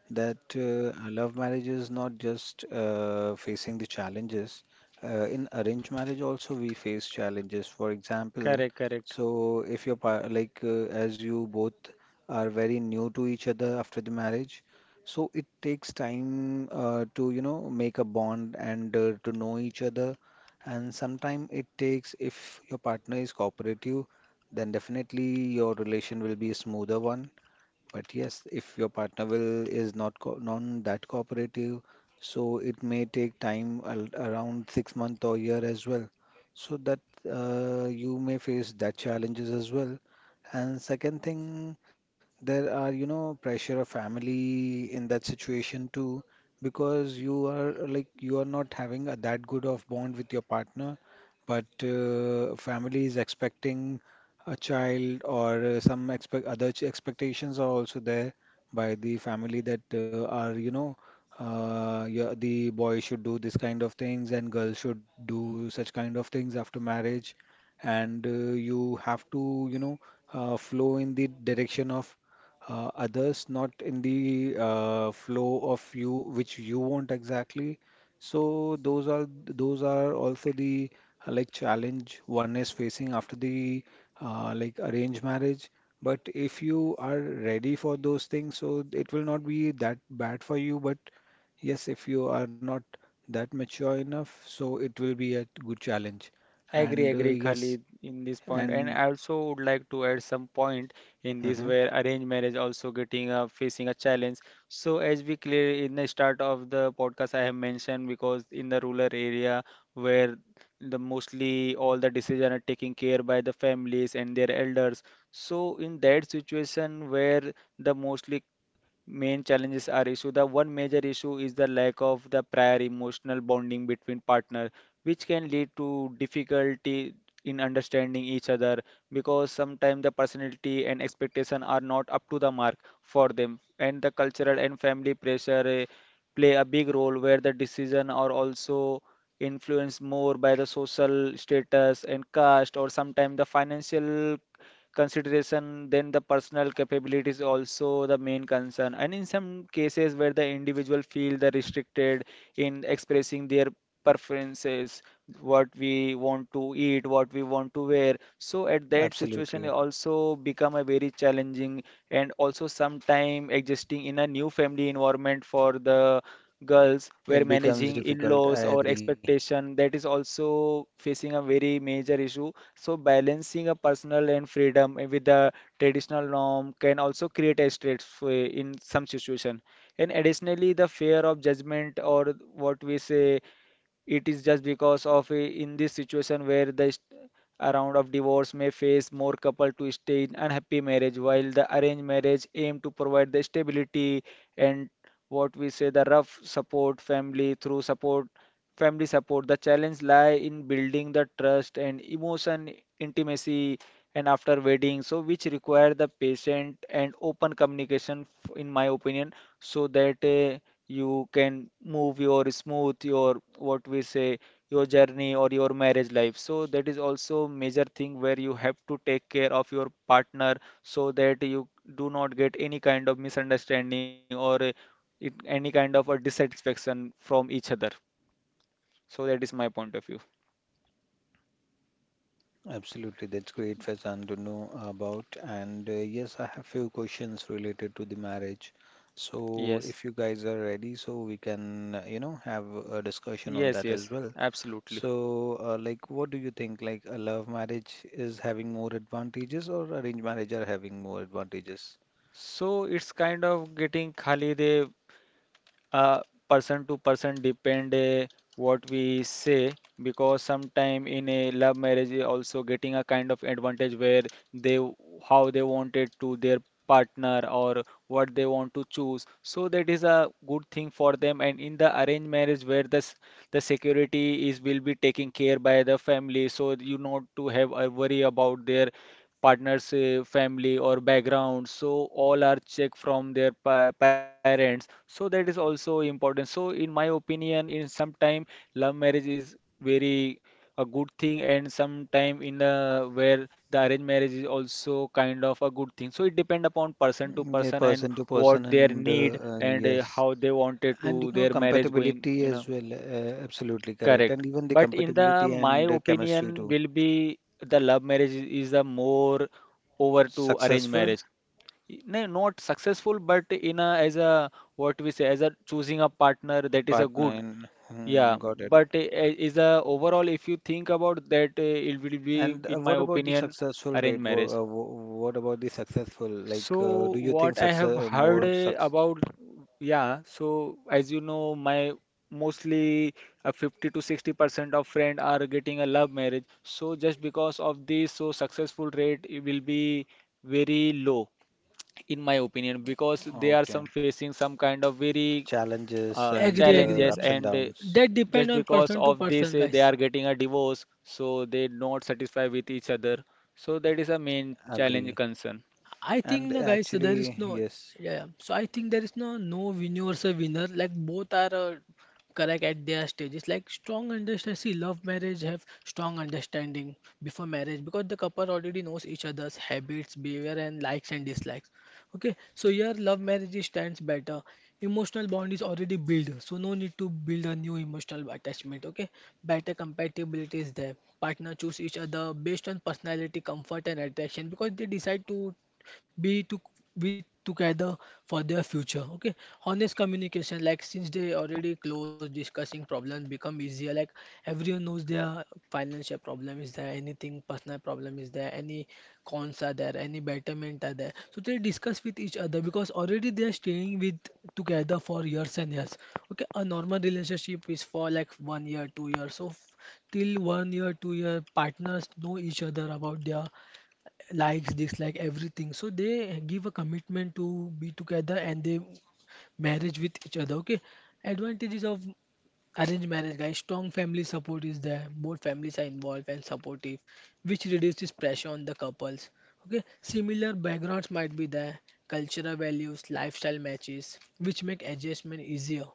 Speaker 2: that love marriage is not just facing the challenges. In arranged marriage also we face challenges. For example,
Speaker 1: correct, correct.
Speaker 2: so if like as you both are very new to each other after the marriage, so it takes time to you know make a bond and to know each other. And sometimes it takes if your partner is cooperative, then definitely your relation will be a smoother one, but yes, if your partner will is not co non that cooperative, so it may take time around 6 month or year as well. So that you may face that challenges as well. And second thing, there are, you know, pressure of family in that situation too, because you are like you are not having a, that good of bond with your partner, but family is expecting a child or some expectations are also there by the family that are you know yeah, the boy should do this kind of things and girl should do such kind of things after marriage and you have to you know flow in the direction of others not in the flow of you which you want exactly. So those are also the like challenge one is facing after the like arranged marriage. But if you are ready for those things, so it will not be that bad for you. But yes, if you are not that mature enough, so it will be a good challenge.
Speaker 1: Agree,
Speaker 2: And
Speaker 1: agree,
Speaker 2: yes,
Speaker 1: Khalid, in this point. And
Speaker 2: and
Speaker 1: I also would like to add some point in this
Speaker 2: mhm,
Speaker 1: where arranged marriage also getting a facing a challenge. So as we clear in the start of the podcast, I have mentioned because in the rural area where the mostly all the decision are taken care by the families and their elders. So in that situation where the mostly main challenges are issue the one major issue is the lack of the prior emotional bonding between partners which can lead to difficulty in understanding each other because sometimes the personality and expectation are not up to the mark for them. And the cultural and family pressure play a big role where the decision are also influenced more by the social status and caste or sometimes the financial consideration, then the personal capability is also the main concern. And in some cases where the individual feel the restricted in expressing their preferences, what we want to eat, what we want to wear. So at that situation, it
Speaker 2: absolutely,
Speaker 1: also become a very challenging. And also sometime adjusting in a new family environment for the girls where
Speaker 2: it
Speaker 1: managing
Speaker 2: becomes difficult.
Speaker 1: in-laws
Speaker 2: I
Speaker 1: or
Speaker 2: agree.
Speaker 1: expectation that is also facing a very major issue. So balancing a personal and freedom with the traditional norm can also create a stressful in some situation. And additionally, the fear of judgment or what we say it is just because of in this situation where the around of divorce may face more couple to stay in unhappy marriage, while the arranged marriage aim to provide the stability and what we say the rough support family through support family support. The challenge lie in building the trust and emotion intimacy and after wedding, so which require the patient and open communication in my opinion, so that you can move your smooth your what we say your journey or your marriage life. So that is also major thing where you have to take care of your partner so that you do not get any kind of misunderstanding or any kind of a dissatisfaction from each other. So that is my point of view.
Speaker 2: Absolutely, that's great, Faizan, to know about. And yes, I have few questions related to the marriage. So
Speaker 1: Yes,
Speaker 2: if you guys are ready, so we can, you know, have a discussion on
Speaker 1: yes,
Speaker 2: that
Speaker 1: yes,
Speaker 2: as well.
Speaker 1: absolutely.
Speaker 2: So, like, what do you think? Like, a love marriage is having more advantages, or arranged marriage are having more advantages?
Speaker 1: So it's kind of getting khali they uh, person to person depend what we say because sometime in a love marriage also getting a kind of advantage where they w- how they wanted to their partner or what they want to choose, so that is a good thing for them. And in the arranged marriage where this the security is will be taken care by the family, so you not to have a worry about their partner's family or background, so all are checked from their parents. So that is also important. So in my opinion, in some time, love marriage is very a good thing, and sometime in a, where the arranged marriage is also kind of a good thing. So it depend upon person
Speaker 2: Mm,
Speaker 1: to
Speaker 2: yeah,
Speaker 1: person
Speaker 2: person
Speaker 1: and
Speaker 2: to person,
Speaker 1: what their
Speaker 2: and
Speaker 1: need and
Speaker 2: yes,
Speaker 1: how they wanted
Speaker 2: and you
Speaker 1: to
Speaker 2: know,
Speaker 1: their marriage going,
Speaker 2: compatibility
Speaker 1: you
Speaker 2: as
Speaker 1: know,
Speaker 2: well. Absolutely correct,
Speaker 1: Correct.
Speaker 2: and even the
Speaker 1: But in the
Speaker 2: compatibility
Speaker 1: my
Speaker 2: and chemistry
Speaker 1: opinion
Speaker 2: too.
Speaker 1: will be the love marriage is a more over to arranged
Speaker 2: Successful?
Speaker 1: marriage. No, not successful, but in a as a what we say as a choosing a partner that is a
Speaker 2: Partner
Speaker 1: good.
Speaker 2: in, hmm,
Speaker 1: Yeah,
Speaker 2: got it.
Speaker 1: but is a overall if you think about that, it will be
Speaker 2: And
Speaker 1: in my
Speaker 2: what about the
Speaker 1: opinion
Speaker 2: successful
Speaker 1: arranged
Speaker 2: rate?
Speaker 1: marriage.
Speaker 2: What about the successful? Like,
Speaker 1: So
Speaker 2: do you think
Speaker 1: what I
Speaker 2: success
Speaker 1: have heard
Speaker 2: more success?
Speaker 1: about, yeah. So as you know, my mostly 50 to 60% of friend are getting a love marriage. So just because of this, so successful rate it will be very low in my opinion because they are
Speaker 2: Okay,
Speaker 1: some facing some kind of very
Speaker 2: challenges and
Speaker 3: Agree, agree.
Speaker 1: challenges
Speaker 2: ups and
Speaker 1: and
Speaker 2: downs.
Speaker 3: That
Speaker 1: just
Speaker 3: depend on
Speaker 1: because
Speaker 3: person to
Speaker 1: of this
Speaker 3: person,
Speaker 1: they
Speaker 3: guys.
Speaker 1: are getting a divorce, so they not satisfied with each other, so that is a main challenge
Speaker 2: Agree.
Speaker 1: concern.
Speaker 3: I think
Speaker 2: And
Speaker 3: no, guys, so there is
Speaker 2: actually,
Speaker 3: no
Speaker 2: yes,
Speaker 3: Yeah, yeah. So I think there is no universal winner. Like both are correct at their stages. Like strong understanding. See, love marriage have strong understanding before marriage because the couple already knows each other's habits, behavior, and likes and dislikes. Okay, so here love marriage is stands better. Emotional bond is already built, so no need to build a new emotional attachment. Okay, better compatibility is there. Partner choose each other based on personality, comfort, and attraction because they decide to be to with together for their future. Okay, honest communication, like since they already close discussing problem become easier, like everyone knows their financial problem is there, anything personal problem is there, any cons are there, any betterment are there, so they discuss with each other because already they are staying with together for years and years. Okay, a normal relationship is for like one year 2 years, till one year 2 year partners know each other about their likes, dislike, everything. So they give a commitment to be together and they marriage with each other. Okay. Advantages of arranged marriage, guys. Strong family support is there. Both families are involved and supportive, which reduces pressure on the couples. Okay. Similar backgrounds might be there. Cultural values, lifestyle matches, which make adjustment easier.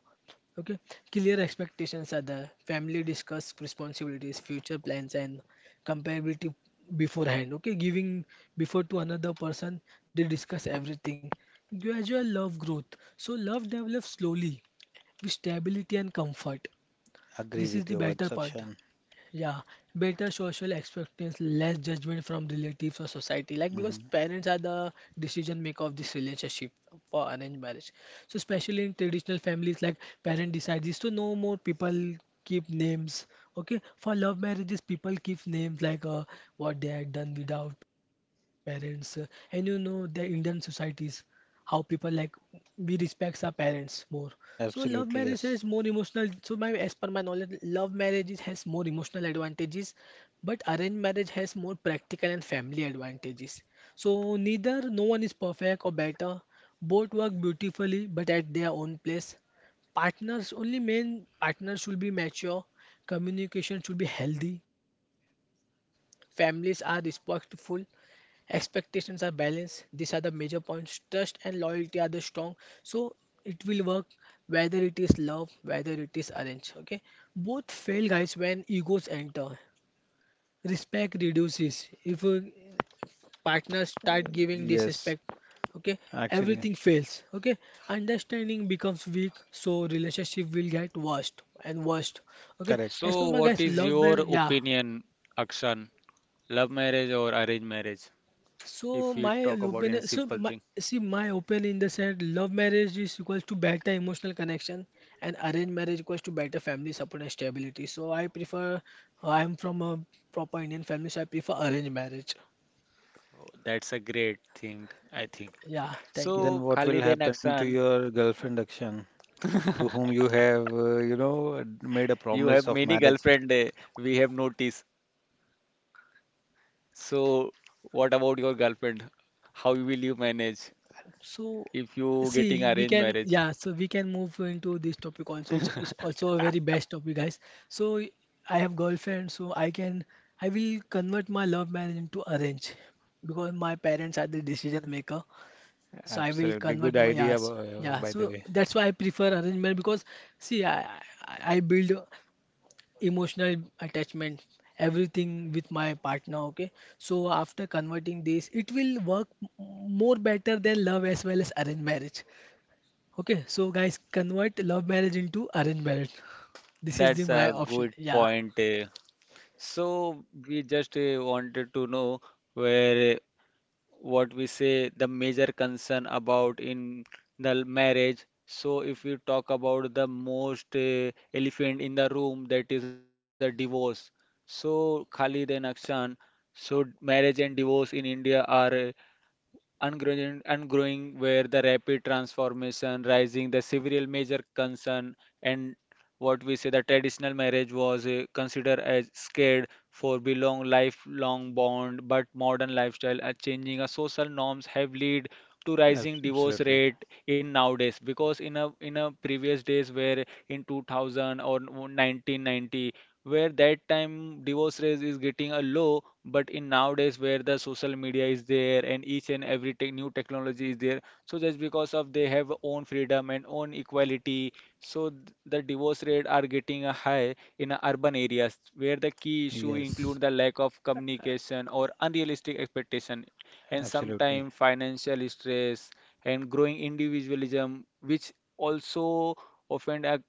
Speaker 3: Okay, clear expectations are there. Family discuss responsibilities, future plans, and comparative beforehand, okay, giving before to another person, they discuss everything. Gradual love growth, so love develops slowly with stability and comfort. This
Speaker 2: agree
Speaker 3: is the
Speaker 2: with your
Speaker 3: better
Speaker 2: words,
Speaker 3: part.
Speaker 2: Akshan.
Speaker 3: Yeah, better social expectations, less judgment from relatives or society. Like because
Speaker 2: Hmm.
Speaker 3: parents are the decision maker of this relationship for arranged marriage. So especially in traditional families, like parent decides this. So no more people keep names. Okay, for love marriages, people keep names like what they had done without parents. And you know the Indian societies, how people like we respects our parents more. So love marriage has
Speaker 2: Absolutely,
Speaker 3: more
Speaker 2: yes.
Speaker 3: emotional. So my as per my knowledge, love marriage has more emotional advantages, but arranged marriage has more practical and family advantages. So neither no one is perfect or better. Both work beautifully, but at their own place. Partners only main partners should be mature, communication should be healthy, families are respectful, expectations are balanced. These are the major points. Trust and loyalty are the strong, so it will work whether it is love, whether it is arranged, okay. Both fail, guys, when egos enter, respect reduces if partners start giving
Speaker 2: Yes,
Speaker 3: disrespect, okay.
Speaker 2: actually,
Speaker 3: Everything fails, okay. Understanding becomes weak, so relationship will get worst and worst, okay.
Speaker 1: So
Speaker 3: As
Speaker 2: correct.
Speaker 3: per my,
Speaker 1: what
Speaker 3: guys,
Speaker 1: is
Speaker 3: love
Speaker 1: your
Speaker 3: marriage, yeah.
Speaker 1: opinion, Akshan, love marriage or arranged marriage,
Speaker 3: So
Speaker 1: if we
Speaker 3: my
Speaker 1: talk about in
Speaker 3: opinion,
Speaker 1: a
Speaker 3: so my,
Speaker 1: simple thing?
Speaker 3: see my opinion in the sense love marriage is equals to better emotional connection, and arranged marriage equals to better family support and stability. So I prefer, I'm from a proper Indian family, so I prefer arranged marriage.
Speaker 1: Oh, that's a great thing I think.
Speaker 3: Yeah,
Speaker 1: So
Speaker 3: thank you.
Speaker 2: Then what will
Speaker 1: Khalid and
Speaker 2: happen to
Speaker 1: Akshan,
Speaker 2: your girlfriend, Akshan, to whom you have, you know, made a
Speaker 1: you have
Speaker 2: promise of
Speaker 1: many
Speaker 2: marriage?
Speaker 1: girlfriend, we have noticed. So, what about your girlfriend? How will you manage
Speaker 3: So
Speaker 1: if you getting
Speaker 3: see, we
Speaker 1: arranged
Speaker 3: can,
Speaker 1: marriage?
Speaker 3: yeah, so we can move into this topic also. It's also a very best topic, guys. So I have girlfriend, so I can, I will convert my love marriage into arrange because my parents are the decision maker. So I will
Speaker 2: Absolutely. Good
Speaker 3: convert my, yeah,
Speaker 2: idea,
Speaker 3: s- yeah.
Speaker 2: by the
Speaker 3: So
Speaker 2: way.
Speaker 3: that's why I prefer arrangement because see, I build emotional attachment, everything with my partner. Okay, so after converting this, it will work more better than love as well as arranged marriage. Okay, so guys, convert love marriage into arranged marriage. This is the
Speaker 1: That's
Speaker 3: my
Speaker 1: a
Speaker 3: option.
Speaker 1: good
Speaker 3: Yeah.
Speaker 1: point. Eh. So we just wanted to know where what we say the major concern about in the marriage. So if we talk about the most elephant in the room, that is a divorce. So Khalid and Akshan, so marriage and divorce in India are and growing, where the rapid transformation rising the several major concern and what we say the traditional marriage was considered as scared for belong lifelong bond, but modern lifestyle are changing a social norms have led to rising
Speaker 2: Abs-
Speaker 1: divorce
Speaker 2: Absolutely.
Speaker 1: rate in nowadays. Because in a previous days where in 2000 or 1990, where that time divorce rate is getting a low, but in nowadays where the social media is there and each and every tech new technology is there, so just because of they have own freedom and own equality, so the divorce rate are getting a high in a urban areas where the key issue
Speaker 2: Yes,
Speaker 1: include the lack of communication or unrealistic expectation and
Speaker 2: absolutely.
Speaker 1: sometimes financial stress and growing individualism which also often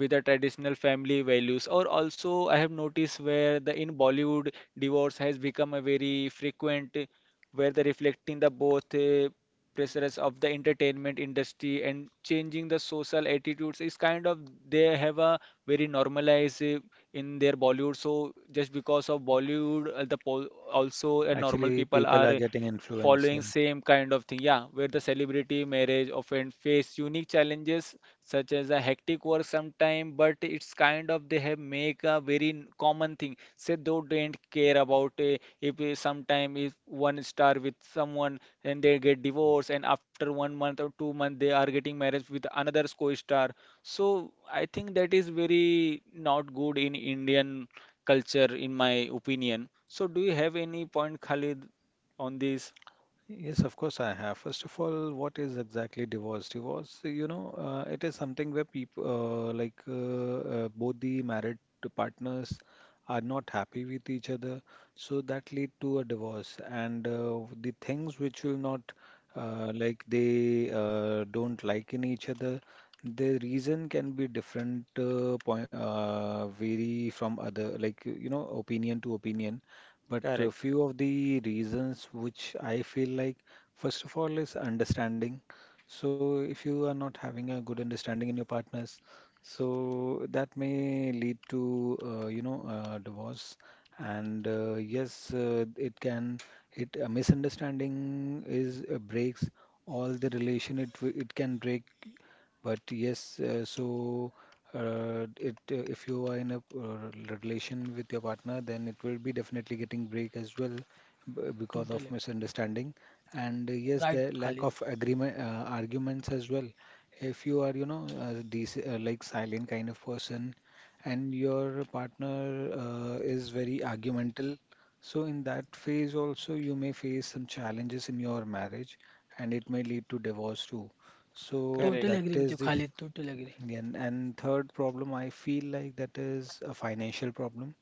Speaker 1: with the traditional family values. Or also I have noticed where the in Bollywood divorce has become a very frequent where the reflecting the both pressures of the entertainment industry and changing the social attitudes is kind of they have a very normalized in their Bollywood. So just because of Bollywood the pol also normal
Speaker 2: Actually,
Speaker 1: people
Speaker 2: people
Speaker 1: are
Speaker 2: are getting influenced. Yeah.
Speaker 1: following same kind of thing. Yeah, where the celebrity marriage often face unique challenges such as a hectic work sometime. But it's kind of they have make a very common thing. Say they don't care about if sometime if one star with someone and they get divorced and after 1 month or 2 month they are getting marriage with another co-star. So I think that is very not good in Indian culture in my opinion. So do you have any point, Khalid, on this?
Speaker 2: Yes, of course I have. First of all, what is exactly divorce? Divorce, you know, it is something where people, like both the married partners are not happy with each other, so that lead to a divorce. And the things which will not, like they don't like in each other, the reason can be different, point, vary from other, like you know, opinion to opinion. But a
Speaker 1: Correct,
Speaker 2: few of the reasons which I feel like, first of all, is understanding. So if you are not having a good understanding in your partners, so that may lead to, you know, divorce. And yes, it can, it a misunderstanding is breaks all the relation, it can break, but yes so it if you are in a relation with your partner, then it will be definitely getting break as well, because
Speaker 3: Totally
Speaker 2: of
Speaker 3: agree.
Speaker 2: misunderstanding. And yes,
Speaker 3: Right,
Speaker 2: the lack
Speaker 3: Khalid.
Speaker 2: of agreement, arguments as well, if you are you know a like silent kind of person and your partner is very argumental. So, in that phase, also, you may face some challenges in your marriage and it may lead to divorce too. So,
Speaker 3: Totally
Speaker 2: that
Speaker 3: agree
Speaker 1: correct.
Speaker 3: with you,
Speaker 2: is the.
Speaker 3: Khalid. Totally agree.
Speaker 2: Again, and third problem, I feel like that is a financial problem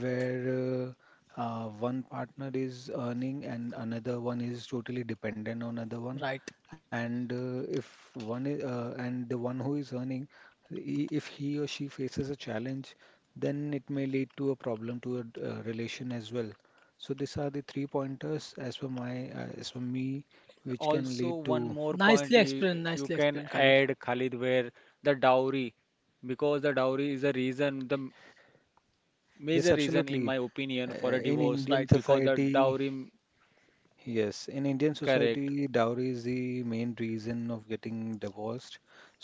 Speaker 2: where one partner is earning and another one is totally dependent on other one.
Speaker 3: Right.
Speaker 2: And if one is, and the one who is earning, if he or she faces a challenge, then it may lead to a problem to a relation as well. So these are the three pointers as per my, as per me, which can
Speaker 1: Also
Speaker 2: lead
Speaker 1: one
Speaker 2: to,
Speaker 1: more point
Speaker 3: Nicely
Speaker 1: you,
Speaker 3: explained.
Speaker 1: you
Speaker 3: Nicely
Speaker 1: can
Speaker 3: explained, Khalid.
Speaker 1: add, Khalid, where the dowry, because the dowry is a reason the major reason in my
Speaker 2: yes,
Speaker 1: opinion for a
Speaker 2: absolutely.
Speaker 1: divorce. Because
Speaker 2: In
Speaker 1: the
Speaker 2: Indian
Speaker 3: Right.
Speaker 1: dowry,
Speaker 2: society, yes, in
Speaker 1: correct,
Speaker 2: Indian society, dowry is the main reason of getting divorced.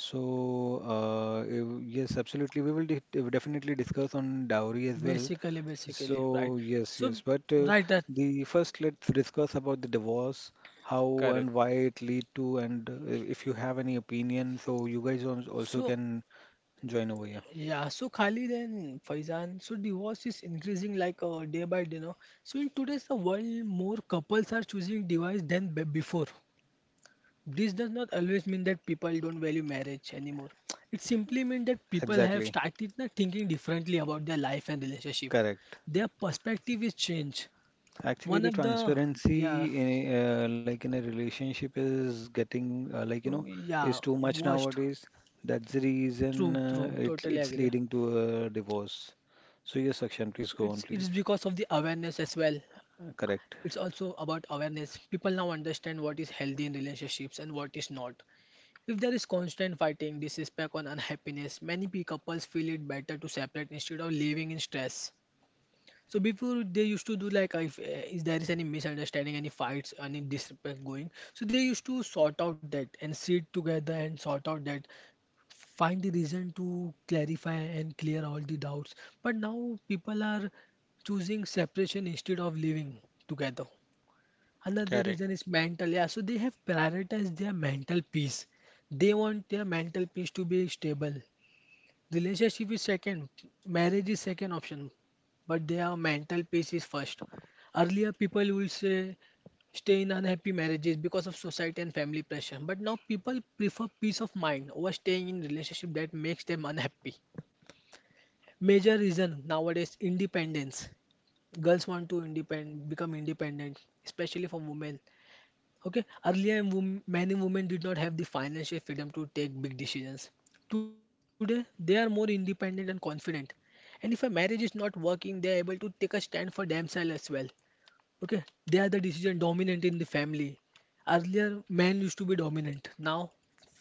Speaker 2: So, if- yes, absolutely. We will de definitely discuss on dowry as well.
Speaker 3: Basically,
Speaker 2: So,
Speaker 3: basically, right.
Speaker 2: yes,
Speaker 3: So,
Speaker 2: yes. But
Speaker 3: right that.
Speaker 2: the first, let's discuss about the divorce, how
Speaker 1: correct.
Speaker 2: and why it lead to, and if you have any opinion, so you guys also
Speaker 3: So,
Speaker 2: can join over here.
Speaker 3: yeah. So, Khali then Faizan. So, divorce is increasing, like day by day now. So, in today's world, more couples are choosing divorce than be before. This does not always mean that people don't value marriage anymore. It simply means that people
Speaker 2: Exactly,
Speaker 3: have started thinking differently about their life and relationship.
Speaker 2: correct.
Speaker 3: Their perspective is changed.
Speaker 2: Actually,
Speaker 3: One
Speaker 2: the
Speaker 3: of the Yeah,
Speaker 2: transparency in a, like in a relationship is getting like you know is
Speaker 3: yeah,
Speaker 2: too much
Speaker 3: worst.
Speaker 2: nowadays. That's the reason
Speaker 3: True, true.
Speaker 2: it
Speaker 3: Totally
Speaker 2: it's
Speaker 3: agree.
Speaker 2: leading to a divorce. So
Speaker 3: It's
Speaker 2: yes,
Speaker 3: it's
Speaker 2: Akshan,
Speaker 3: because
Speaker 2: please
Speaker 3: of the
Speaker 2: go on, please.
Speaker 3: awareness as well. It's also
Speaker 2: Correct.
Speaker 3: about awareness. People now understand what is healthy in relationships and what is not. If there is constant fighting, disrespect, or unhappiness, many couples feel it better to separate instead of living in stress. So before they used to do like, if there is any misunderstanding, any fights, any disrespect going, so they used to sort out that and sit together and sort out that, find the reason to clarify and clear all the doubts. But now people are choosing separation instead of living together. Another
Speaker 1: Correct,
Speaker 3: reason is mental. Yeah, so they have prioritized their mental peace. They want their mental peace to be stable. Relationship is second, marriage is second option, but their mental peace is first. Earlier, people will say stay in unhappy marriages because of society and family pressure, but now people prefer peace of mind over staying in relationship that makes them unhappy. Major reason nowadays independence. Girls want to independ become independent, especially for women. Okay, earlier many women did not have the financial freedom to take big decisions. Today, they are more independent and confident. And if a marriage is not working, they are able to take a stand for themselves as well. Okay, they are the decision dominant in the family. Earlier, men used to be dominant. Now,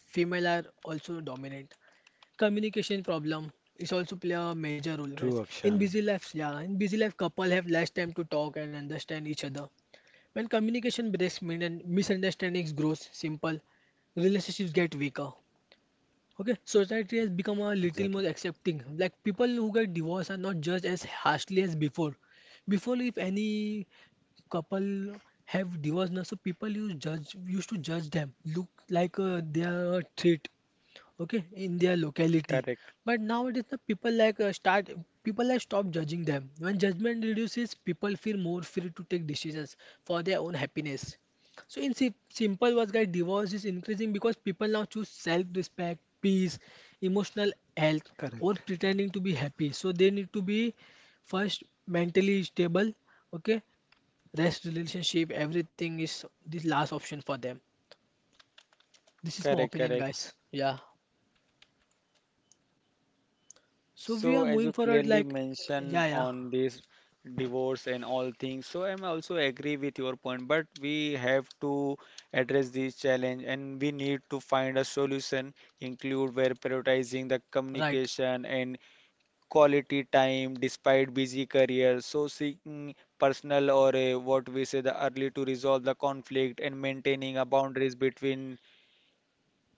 Speaker 3: female are also dominant. Communication problem is also play a major role, guys.
Speaker 2: True, Akshan.
Speaker 3: Yeah, in busy life, couple have less time to talk and understand each other. When communication breaks, min- and misunderstandings grows simple, relationships get weaker. Okay, society has become a
Speaker 2: Exactly.
Speaker 3: little more accepting. Like people who get divorced are not judged as harshly as before. Before, if any couple have divorced now, so people used to judge them, look like they are a threat, okay, in their locality.
Speaker 1: correct,
Speaker 3: But nowadays the people like stop judging them. When judgment reduces, people feel more free to take decisions for their own happiness. So in simple words, guys, divorce is increasing because people now choose self respect, peace, emotional health,
Speaker 2: Correct.
Speaker 3: or pretending to be happy, so they need to be first mentally stable, okay. Rest relationship everything is this last option for them. This is my
Speaker 1: correct,
Speaker 3: opinion,
Speaker 1: correct.
Speaker 3: guys. Yeah. So we are
Speaker 1: So, as
Speaker 3: moving
Speaker 1: you
Speaker 3: forward,
Speaker 1: clearly
Speaker 3: like, yeah,
Speaker 1: mentioned
Speaker 3: yeah,
Speaker 1: on this divorce and all things, so I'm also agree with your point, but we have to address this challenge and we need to find a solution, include where prioritizing the
Speaker 3: right.
Speaker 1: communication and quality time despite busy career. So seeking personal or what we say the early to resolve the conflict and maintaining a boundaries between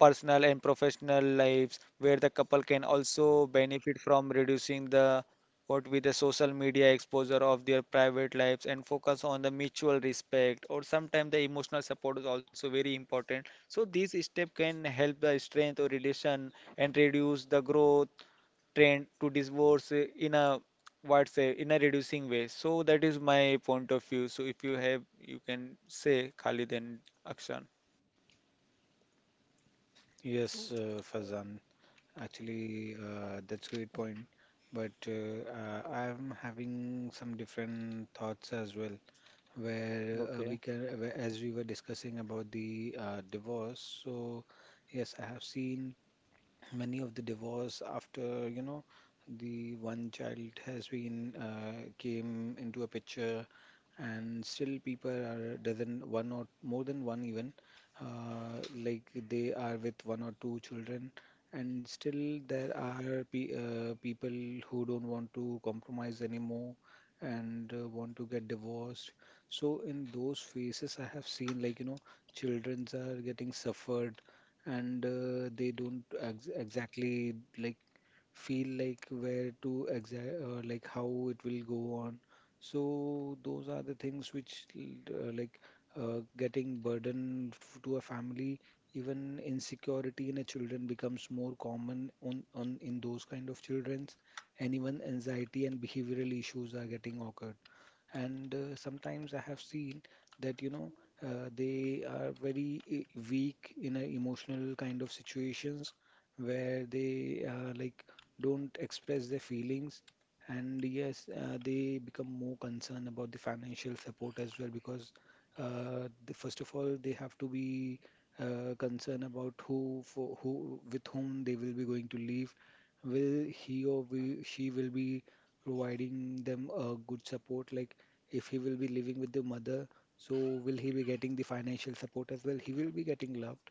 Speaker 1: personal and professional lives where the couple can also benefit from reducing the what with the social media exposure of their private lives and focus on the mutual respect or sometimes the emotional support is also very important, so this step can help the strength or relation and reduce the growth trend to divorce in a what say in a reducing way. So that is my point of view, so if you have, you can say Khalid and Akshan.
Speaker 2: Yes, Fazan. Actually, that's great point. But I'm having some different thoughts as well, where we
Speaker 1: Okay.
Speaker 2: can, where, as we were discussing about the divorce. So, yes, I have seen many of the divorce after, you know, the one child has been came into a picture, and still people are doesn't one or more than one even like they are with one or two children, and still there are pe people who don't want to compromise anymore and want to get divorced. So in those phases I have seen like you know childrens are getting suffered, and they don't ex exactly like feel like where to exact like how it will go on. So those are the things which like getting burden to a family, even insecurity in a children becomes more common on in those kind of childrens, and even anxiety and behavioral issues are getting occurred. And sometimes I have seen that you know they are very weak in a emotional kind of situations where they like don't express their feelings. And yes they become more concerned about the financial support as well, because the, first of all they have to be concerned about who with whom they will be going to live, will he or we, she will be providing them a good support, like if he will be living with the mother, so will he be getting the financial support as well, he will be getting loved,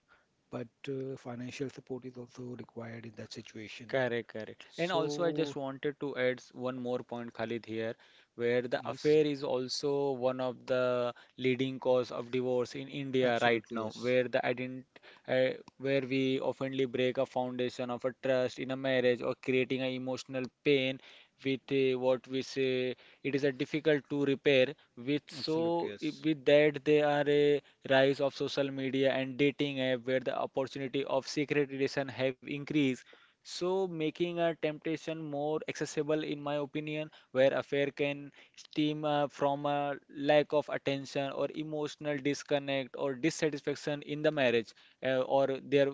Speaker 2: but financial support is also required in that situation.
Speaker 1: Correct, correct. And also, I
Speaker 2: So,
Speaker 1: just wanted to add one more point, Khalid, here, where the
Speaker 2: yes,
Speaker 1: affair is also one of the leading cause of divorce in India right
Speaker 2: absolutely,
Speaker 1: now,
Speaker 2: yes.
Speaker 1: where the ident uh, where we oftenly break a foundation of a trust in a marriage or creating an emotional pain with what we say it is a difficult to repair. With so
Speaker 2: Absolutely, yes.
Speaker 1: with that, there are a rise of social media and dating app where the opportunity of secret relation have increased, so making a temptation more accessible, in my opinion, where affair can stem from a lack of attention or emotional disconnect or dissatisfaction in the marriage or their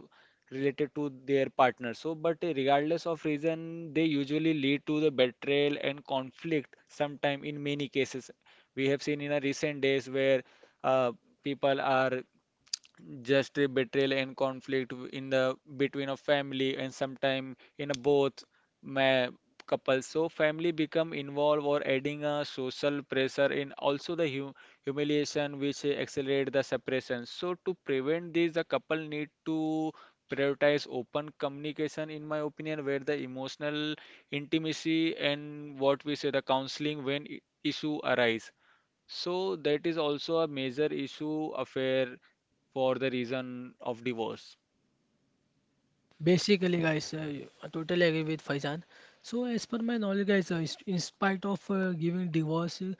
Speaker 1: related to their partner. So, but regardless of reason, they usually lead to the betrayal and conflict. Sometime in many cases, we have seen in a recent days where uh, people are just a betrayal and conflict in the between a family and sometime in a both ma couple, so family become involved or adding a social pressure in also the hu humiliation which accelerate the separation. So to prevent this, the couple need to prioritize open communication, in my opinion, where the emotional intimacy and what we say the counseling when issue arise, so that is also a major issue, affair, for the reason of divorce.
Speaker 3: Basically, guys, I totally agree with Faizan. So as per my knowledge, guys, in spite of giving divorce,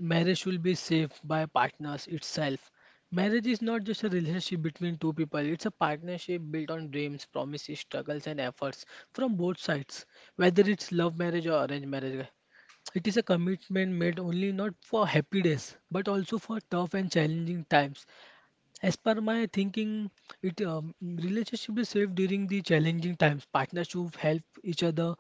Speaker 3: marriage should be safe by partners itself. Marriage is not just a relationship between two people, it's a partnership built on dreams, promises, struggles, and efforts from both sides, whether it's love marriage or arranged marriage. It is a commitment made only not for happy days, but also for tough and challenging times. As per my thinking, it relationship is safe during the challenging times. Partners should help each other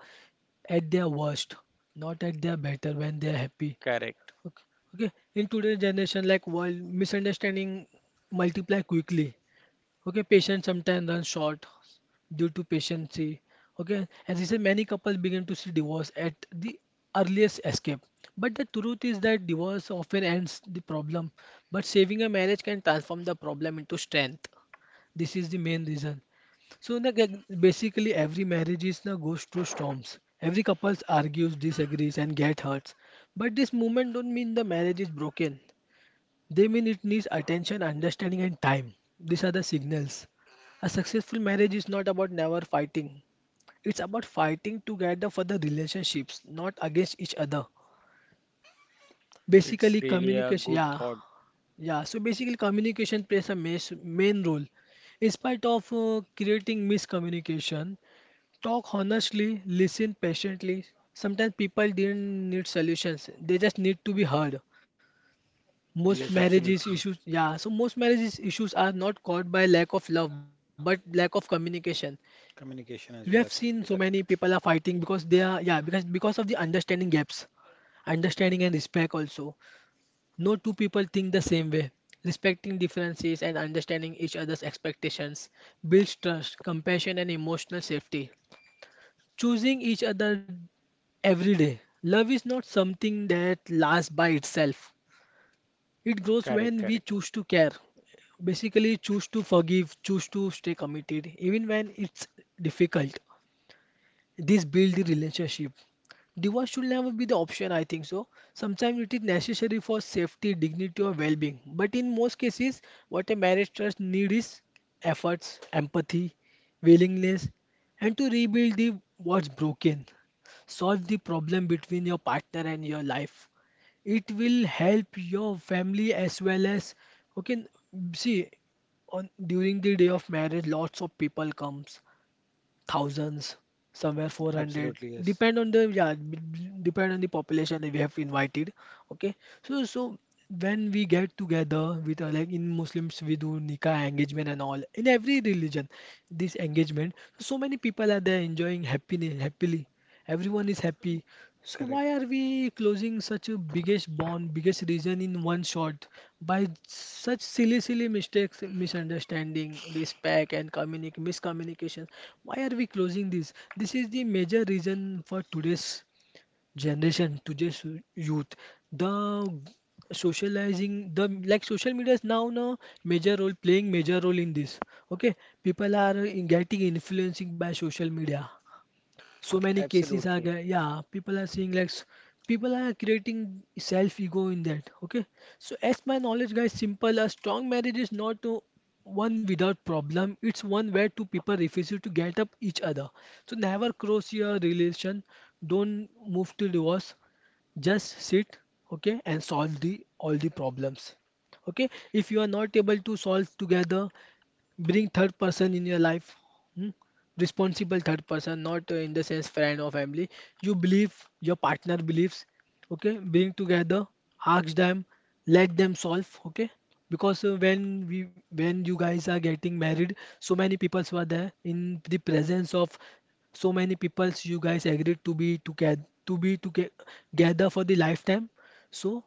Speaker 3: at their worst, not at their better when they are happy.
Speaker 1: Correct.
Speaker 3: Okay. Okay. In today's generation, like, world misunderstanding multiply quickly. Okay, patience sometimes runs short due to patiency. Okay, as you said, many couples begin to see divorce at the earliest escape. But the truth is that divorce often ends the problem, but saving a marriage can transform the problem into strength. This is the main reason. So like, basically, every marriage is na goes through storms. Every couple argues, disagrees, and get hurt. But this moment don't mean the marriage is broken. They mean it needs attention, understanding, and time. These are the signals. A successful marriage is not about never fighting. It's about fighting together for the relationships, not against each other.
Speaker 1: It's
Speaker 3: Basically,
Speaker 1: really a
Speaker 3: communication.
Speaker 1: good
Speaker 3: Yeah,
Speaker 1: thought.
Speaker 3: yeah. So basically, communication plays a main role. In spite of creating miscommunication, talk honestly, listen patiently. Sometimes people didn't need solutions; they just need to be heard. Most
Speaker 2: Yes,
Speaker 3: marriages issues,
Speaker 2: absolutely.
Speaker 3: yeah. So most marriages issues are not caused by lack of love, but lack of communication. We have
Speaker 2: Communication as well,
Speaker 3: seen so many
Speaker 2: absolutely
Speaker 3: people
Speaker 2: correct.
Speaker 3: are fighting because they are, yeah, because of the understanding gaps, understanding and respect also. No two people think the same way. Respecting differences and understanding each other's expectations builds trust, compassion, and emotional safety. Choosing each other every day. Love is not something that lasts by itself. It grows
Speaker 1: Correct,
Speaker 3: when we
Speaker 1: correct.
Speaker 3: choose to care, basically choose to forgive, choose to stay committed, even when it's difficult. This build the relationship. Divorce should never be the option, I think so. Sometimes it is necessary for safety, dignity, or well being. But in most cases, what a marriage trust need is efforts, empathy, willingness, and to rebuild the what's broken. Solve the problem between your partner and your life, it will help your family as well as. Okay. See, on during the day of marriage, lots of people comes, thousands, somewhere 400,
Speaker 2: Absolutely, yes.
Speaker 3: depend on the yeah, depend on the population that we have invited. Okay, so when we get together with like in Muslims, we do nikah engagement and all in every religion, this engagement, so many people are there enjoying happiness happily. Everyone is happy. So
Speaker 2: Correct.
Speaker 3: why are we closing such a biggest bond, biggest reason in one shot by such silly, silly mistakes, misunderstanding, respect, and communic miscommunication? Why are we closing this? This is the major reason for today's generation, today's youth. The socializing, the, like, social media is now major role, playing major role in this. Okay, people are getting influencing by social media. So many cases are
Speaker 1: Absolutely.
Speaker 3: there, yeah, people are seeing like people are creating self ego in that. Okay, so as my knowledge, guys, simple, a strong marriage is not one without problem, it's one where two people refuse to get up each other. So never cross your relation, don't move to divorce, just sit. Okay, and solve the all the problems. Okay, if you are not able to solve together, bring third person in your life. Hmm? Responsible third person, not in the sense friend or family you believe, your partner believes. Okay, bring together, ask them, let them solve. Okay, because when you guys are getting married, so many people were there in the presence of so many people. You guys agreed to be together for the lifetime. So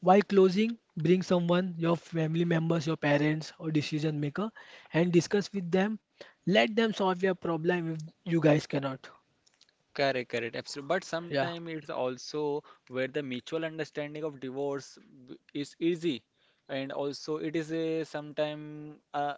Speaker 3: while closing, bring someone, your family members, your parents, or decision maker, and discuss with them. Let them solve your problem if you guys cannot.
Speaker 1: Correct, correct, absolutely. But
Speaker 3: Yeah,
Speaker 1: sometimes it's also where the mutual understanding of divorce is easy, and also it is a sometime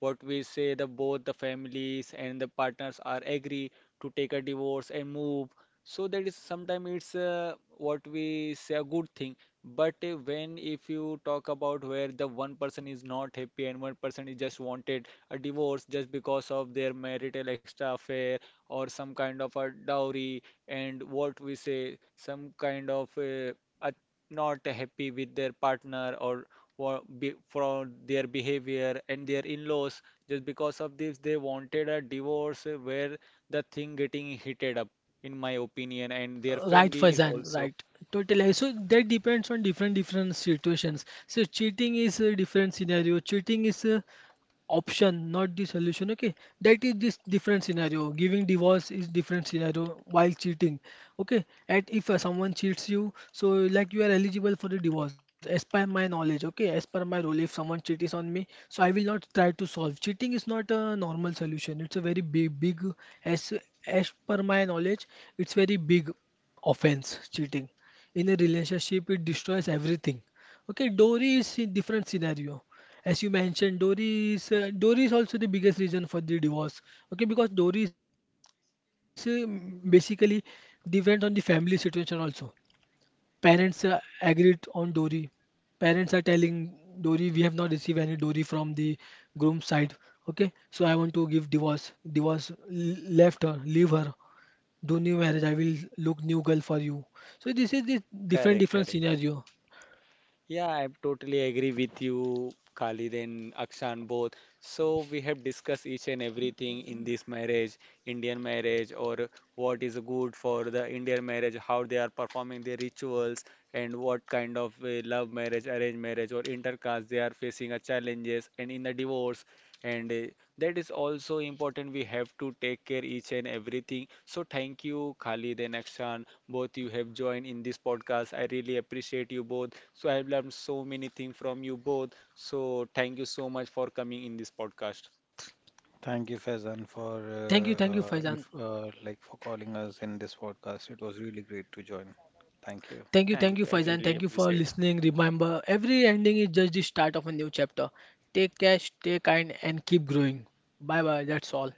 Speaker 1: what we say the both the families and the partners are agree to take a divorce and move, so that is sometimes it's what we say a good thing. But when if you talk about where the one person is not happy and one person is just wanted a divorce just because of their marital extra affair or some kind of a dowry and what we say some kind of a not happy with their partner or from their behavior and their in-laws. Just because of this, they wanted a divorce where the thing getting heated up, in my opinion, and their
Speaker 3: right,
Speaker 1: families
Speaker 3: Faizan,
Speaker 1: also.
Speaker 3: right. Totally. So that depends on different different situations. So cheating is a different scenario. Cheating is option not the solution. Okay, that is, this different scenario. Giving divorce is different scenario while cheating. Okay, and if someone cheats you, so like, you are eligible for the divorce as per my knowledge. Okay, as per my role, if someone cheats on me, so I will not try to solve. Cheating is not a normal solution. It's a very big, big, as as per my knowledge, it's very big offense, cheating. In a relationship, it destroys everything. Okay, dory is a different scenario. As you mentioned, Dory is also the biggest reason for the divorce. Okay, because Dory is basically depends on the family situation also. Parents agreed on Dory. Parents are telling Dory, we have not received any Dory from the groom side. Okay, so I want to give divorce. Divorce, left her, leave her, do new marriage. I will look new girl for you. So this is the different
Speaker 1: Correct,
Speaker 3: different
Speaker 1: correct.
Speaker 3: scenario.
Speaker 1: Yeah, I totally agree with you, Khalid and Akshan, both. So we have discussed each and everything in this marriage, Indian marriage, or what is good for the Indian marriage, how they are performing their rituals, and what kind of love marriage, arranged marriage, or intercaste they are facing a challenges, and in the divorce, and that is also important. We have to take care each and everything. So thank you, Khalid and Akshan, both. You have joined in this podcast, I really appreciate you both, so I have learned so many things from you both. So thank you so much for coming in this podcast.
Speaker 2: Thank you, Faizan, for
Speaker 3: Thank you, Faizan.
Speaker 2: inf like for calling us in this podcast. It was really great to join. Thank you.
Speaker 3: Thank you, thank
Speaker 1: Thank
Speaker 3: you,
Speaker 1: you, I
Speaker 3: Faizan.
Speaker 1: really
Speaker 3: Thank you for
Speaker 1: appreciate.
Speaker 3: listening. Remember, every ending is just the start of a new chapter. Take care, stay kind, and keep growing. Bye bye. That's all.